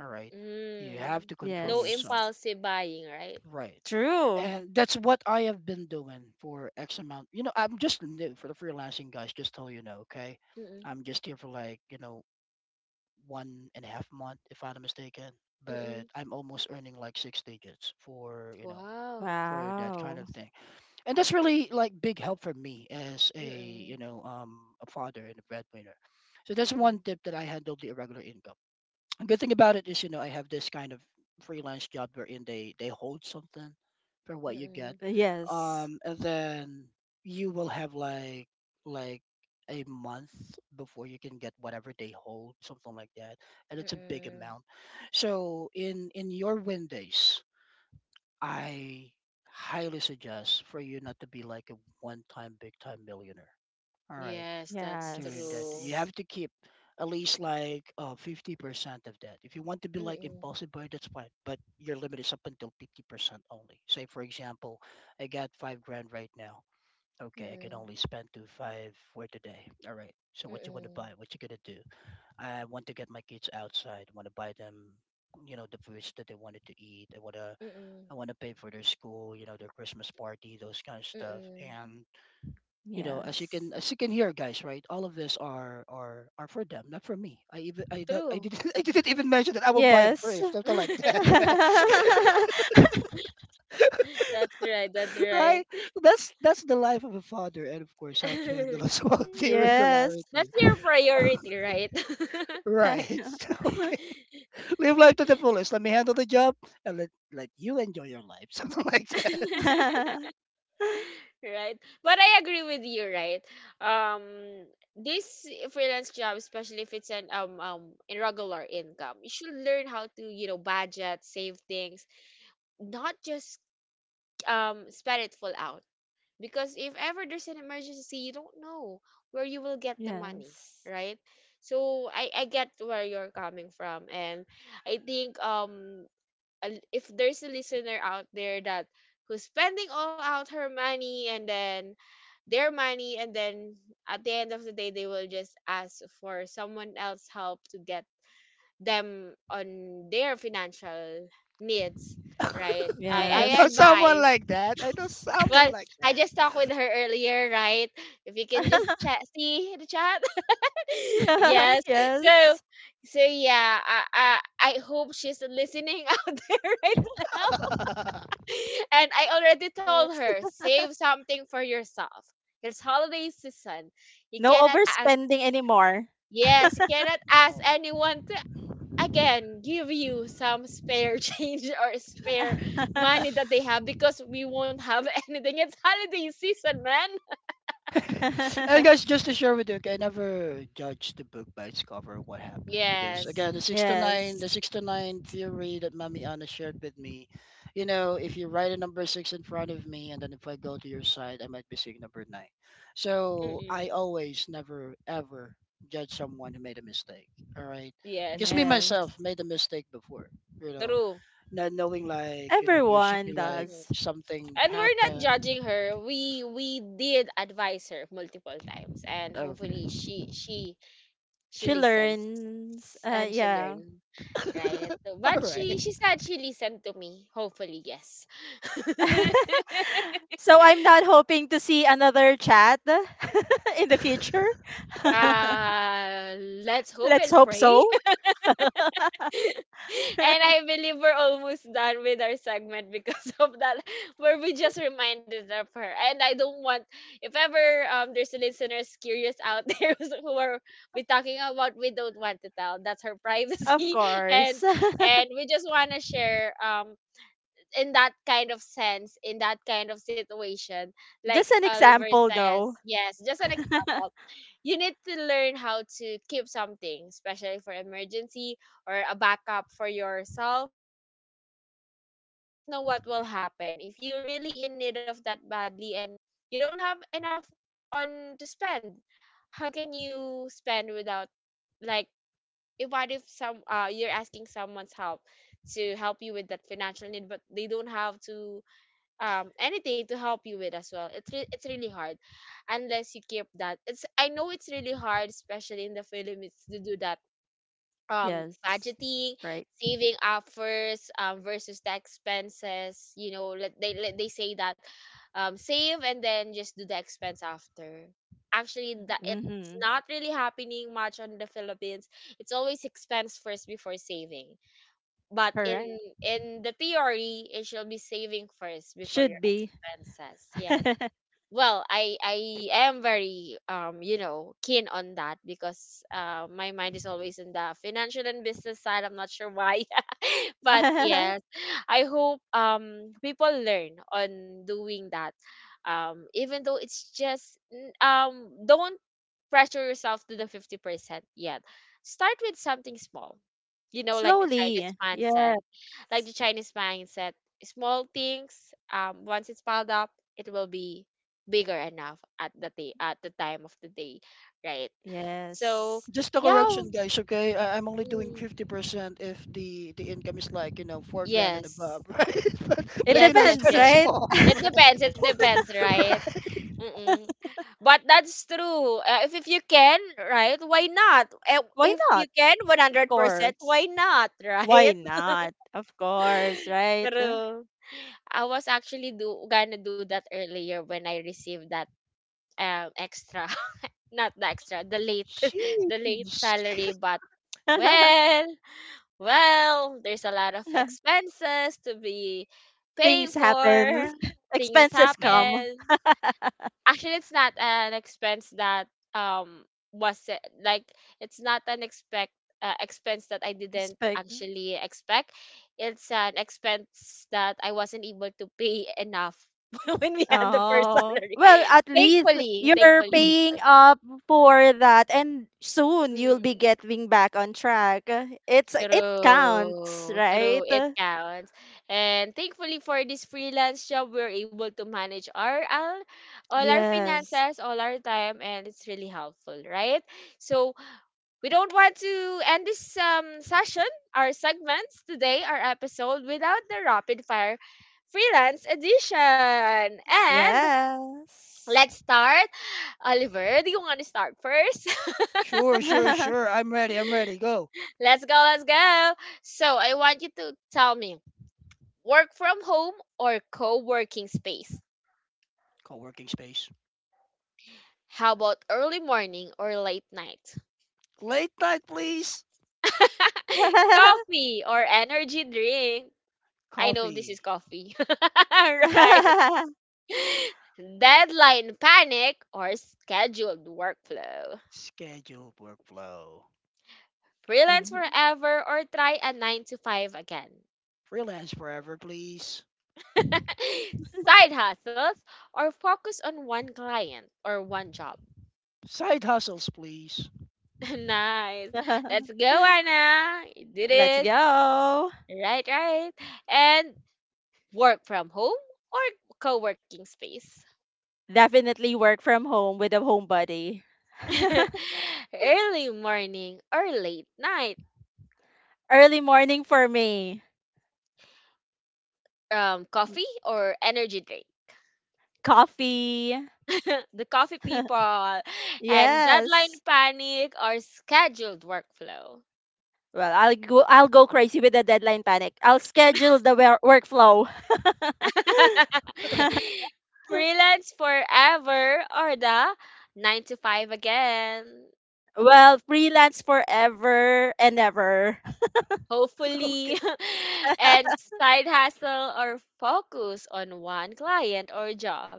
all right? You have
Mm.
to control
No
Yes.
yourself.
impulsive buying, right?
Right.
True.
And that's what I have been doing for X amount. You know, I'm just new for the freelancing guys, just so you know, okay?
Mm,
I'm just here for like, 1.5 month, if I'm not mistaken. But
mm.
I'm almost earning like six digits for, you know,
Wow.
for that kind of
Wow.
thing. And that's really like big help for me as a,
Mm,
you know, um, a father and a breadwinner. So that's one
mm,
tip that I handle the irregular income. Good thing about it is, I have this kind of freelance job wherein they hold something for what you
mm,
get.
Yes.
And then you will have like like a month before you can get whatever they hold, something like that, and it's a big
mm.
amount. So in your win days, I highly suggest for you not to be like a one time big time millionaire, all right?
Yes, that's
During that,
true.
you have
Yes.
to keep at least like 50% of that. If you want to be like
Mm,
impulsive buy, that's fine, but your limit is up until 50% only. Say, for example, I got 5 grand right now. Okay, I can
mm,
only spend 2.5 for today. All right. So what you want to
mm,
buy? What you gonna do? I want to get my kids outside. Want to buy them, the foods that they wanted to eat. I wanna
mm,
I wanna pay for their school, their Christmas party, those kind of stuff.
mm.
And as you
Yes.
can as you can hear, guys, right, all of this are for them, not for me. I
True.
didn't *laughs* I didn't even mention that I will buy a
Yes.
brief, something like that.
*laughs*
*laughs* Right.
*laughs*
That's right. That's
*laughs*
right.
Right. That's the life of a father, and of course how to handle *laughs*
*laughs*
as well the
Yes.
irregularity,
That's your priority, right?
right?
*laughs*
*laughs* Okay. Live life to the fullest. Let me handle the job and let you enjoy your life. *laughs* Something like
*laughs*
that.
Yes.
*laughs* Right, but I agree with you, right? um this freelance job, especially if it's an irregular income, you should learn how to, you know, budget, save things, not just spend it full out, because if ever there's an emergency, you don't know where you will get the money, right? So I get where you're coming from, and I think if there's a listener out there that who's spending all out her money and then their money, and then at the end of the day they will just ask for someone else help to get them on their financial needs, right? i
*laughs* I
i
Yes.
know someone
advise.
like that, I know someone
Well,
like
I
that.
just talked with her earlier, right? If you can just chat,
*laughs*
see the chat. *laughs* Yes. So
Yes.
so yeah, I hope she's listening *laughs* out there right now.
*laughs*
*laughs* And I already told
Yes.
her, save something for yourself. It's holiday season. You
No
cannot ask,
overspending anymore.
yes, you cannot ask
Oh,
anyone to again give you some spare *laughs* change or spare money that they have, because we won't have *laughs* anything. It's holiday season, man.
*laughs* and
*laughs*
guys, just to share with you, okay, I never judge the book by its cover. What happened? Because
Yes.
again, the six to nine,
Yes.
the six to nine theory that Mami Anna shared with me, if you write a number six in front of me, and then if I go to your side, I might be seeing number nine. So
Mm-mm.
I always, never, ever judge someone who made a mistake. All right,
Yes.
because me
Yes,
myself made a mistake before. You know,
True.
not knowing, like there should
everyone
be like
does.
Mhm.
something
And we're not
happen.
judging her. We did advise her multiple times, and
Okay,
hopefully she
She
listens
learns.
and she
Yeah.
learn, right? So,
*laughs* all
but
right.
she said she listened to me, hopefully. Yes. *laughs*
*laughs* So I'm not hoping to see another chat *laughs* in the future. *laughs*
Uh, let's hope
Let's
and
hope
pray.
so.
*laughs* And I believe we're almost done with our segment because *laughs* of that, where we just reminded of her. And I don't want if ever there's listeners curious out *laughs* there who are we talking about. We don't want to tell, that's her
Of
privacy. *laughs* and
course.
and we just want to share in that kind of sense, in that kind of situation,
*laughs*
like
Just an
Oliver
example, though.
says, yes, just
*laughs*
an example, you need to learn how to keep something, especially for emergency or a backup for yourself, because we don't
Yes.
know what will happen. If you're really in need of that badly and you don't have enough on to spend, how can you spend without like if what if some you're asking someone's help to help you with that financial need, but they don't have to anything to help you with as well, it's really hard unless you keep that. It's I know it's really hard, especially in the Philippines, to do that
Yes.
budgeting,
Right.
saving up first, versus the expenses. You know, let they say that save and then just do the expense after. Actually, that it's
Mm-hmm.
not really happening much on the Philippines. It's always expense first before saving, but
Correct.
in the theory, it should be saving first before your
Should be.
expenses. Yes. Well, I am very you know keen on that because my mind is always in the financial and business side. I'm not sure why, *laughs* but
*laughs*
yes, I hope people learn on doing that, even though it's just don't pressure yourself to the 50% yet. Start with something small. You know, like the Chinese
Slowly. Yes.
mindset. Like the Chinese mindset, small things, once it's piled up, it will be bigger enough at the day at the time of the day, right? So
Yes.
Just a
yeah,
correction, guys. Okay, I'm only doing
mm,
50% if the income is like 4 grand and
yes.
above, *laughs* right? But
It
but
Yes,
I
yes,
depends,
started
yes.
right?
small,
It depends,
*laughs*
right?
right?
Mm-mm. But that's true. If you can, right? Why not? Eh,
*laughs* Why
if you
not?
can,
Of
100%,
course.
why not,
Why
right?
not? Of course,
*laughs*
right?
True. I was actually do gonna do that earlier when I received that extra, *laughs* not the extra, the late, *laughs* the late
Jeez.
salary. But
*laughs*
well, well, there's a lot of expenses to be paying
Things
for.
happen. *laughs*
Things
Expenses come.
happen. Actually, it's not an expense that um was it like it's not an expect expense that I didn't
Expect.
actually expect. It's an expense that I wasn't able to pay enough *laughs* when we had the first
Oh.
salary.
Well, at
*laughs*
least
Thankfully,
you're
thankfully,
*clears throat*
paying
thankfully.
up for that and soon you'll be
Mm.
getting back on track. It's it counts,
True, true.
right?
It counts. And thankfully for this freelance job, we're able to manage our all our
Yes.
finances, all our time, and it's really helpful, right? So we don't want to end this session, our segments today, our episode, without the rapid fire freelance edition. And
Yes.
let's start. Oliver, do you want to start first? *laughs*
Sure, sure, sure.
*laughs*
I'm ready. I'm ready. Go.
Let's go, let's go. So I want you to tell me, work from home or co working space?
Co-working space.
How about early morning or late night?
Late night, please.
*laughs* Coffee or energy drink? I know this
Coffee.
is coffee. *laughs* Right. Deadline panic or scheduled workflow?
Scheduled workflow.
Freelance
Mhm.
forever or try a 9 to 5 again?
Freelance forever, please.
*laughs* Side hustles or focus on one client or one job?
Side hustles, please.
*laughs* Nice. Let's
*laughs*
go, Anna. You did
Let's
it.
go.
Right, right. And work from home or co working space.
Definitely work from home with a homebody.
*laughs* Early morning or late night.
Early morning for me.
Coffee or energy drink.
Coffee.
*laughs* The coffee people. And deadline
Yes.
panic or scheduled workflow.
Well, I'll go crazy with the deadline panic. I'll schedule the workflow.
*laughs*
*laughs*
*laughs*
Freelance forever or the 9 to 5 again.
Well, freelance forever and ever.
Okay.
Hopefully, *laughs* and side hustle or focus on one client or job.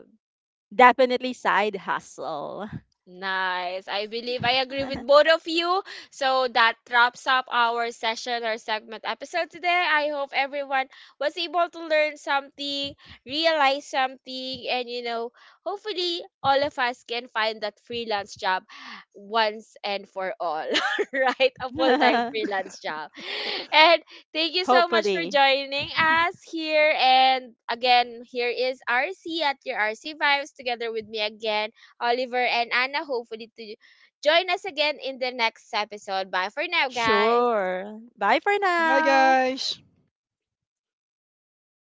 Definitely side hustle.
Nice. I believe I agree with both
*laughs*
of you. So that wraps up our segment episode today. I hope everyone was able to learn something, realize something, and you know, hopefully all of us can find that freelance job once and for all, *laughs* right? A full time freelance job. And thank you so much for
Hopefully.
joining us here. And again, here is RC at your RC Vibes together with me again. Oliver, and Anna, hopefully to join us again in the next episode. Bye for now, guys.
Sure. Bye for
Bye,
now.
guys.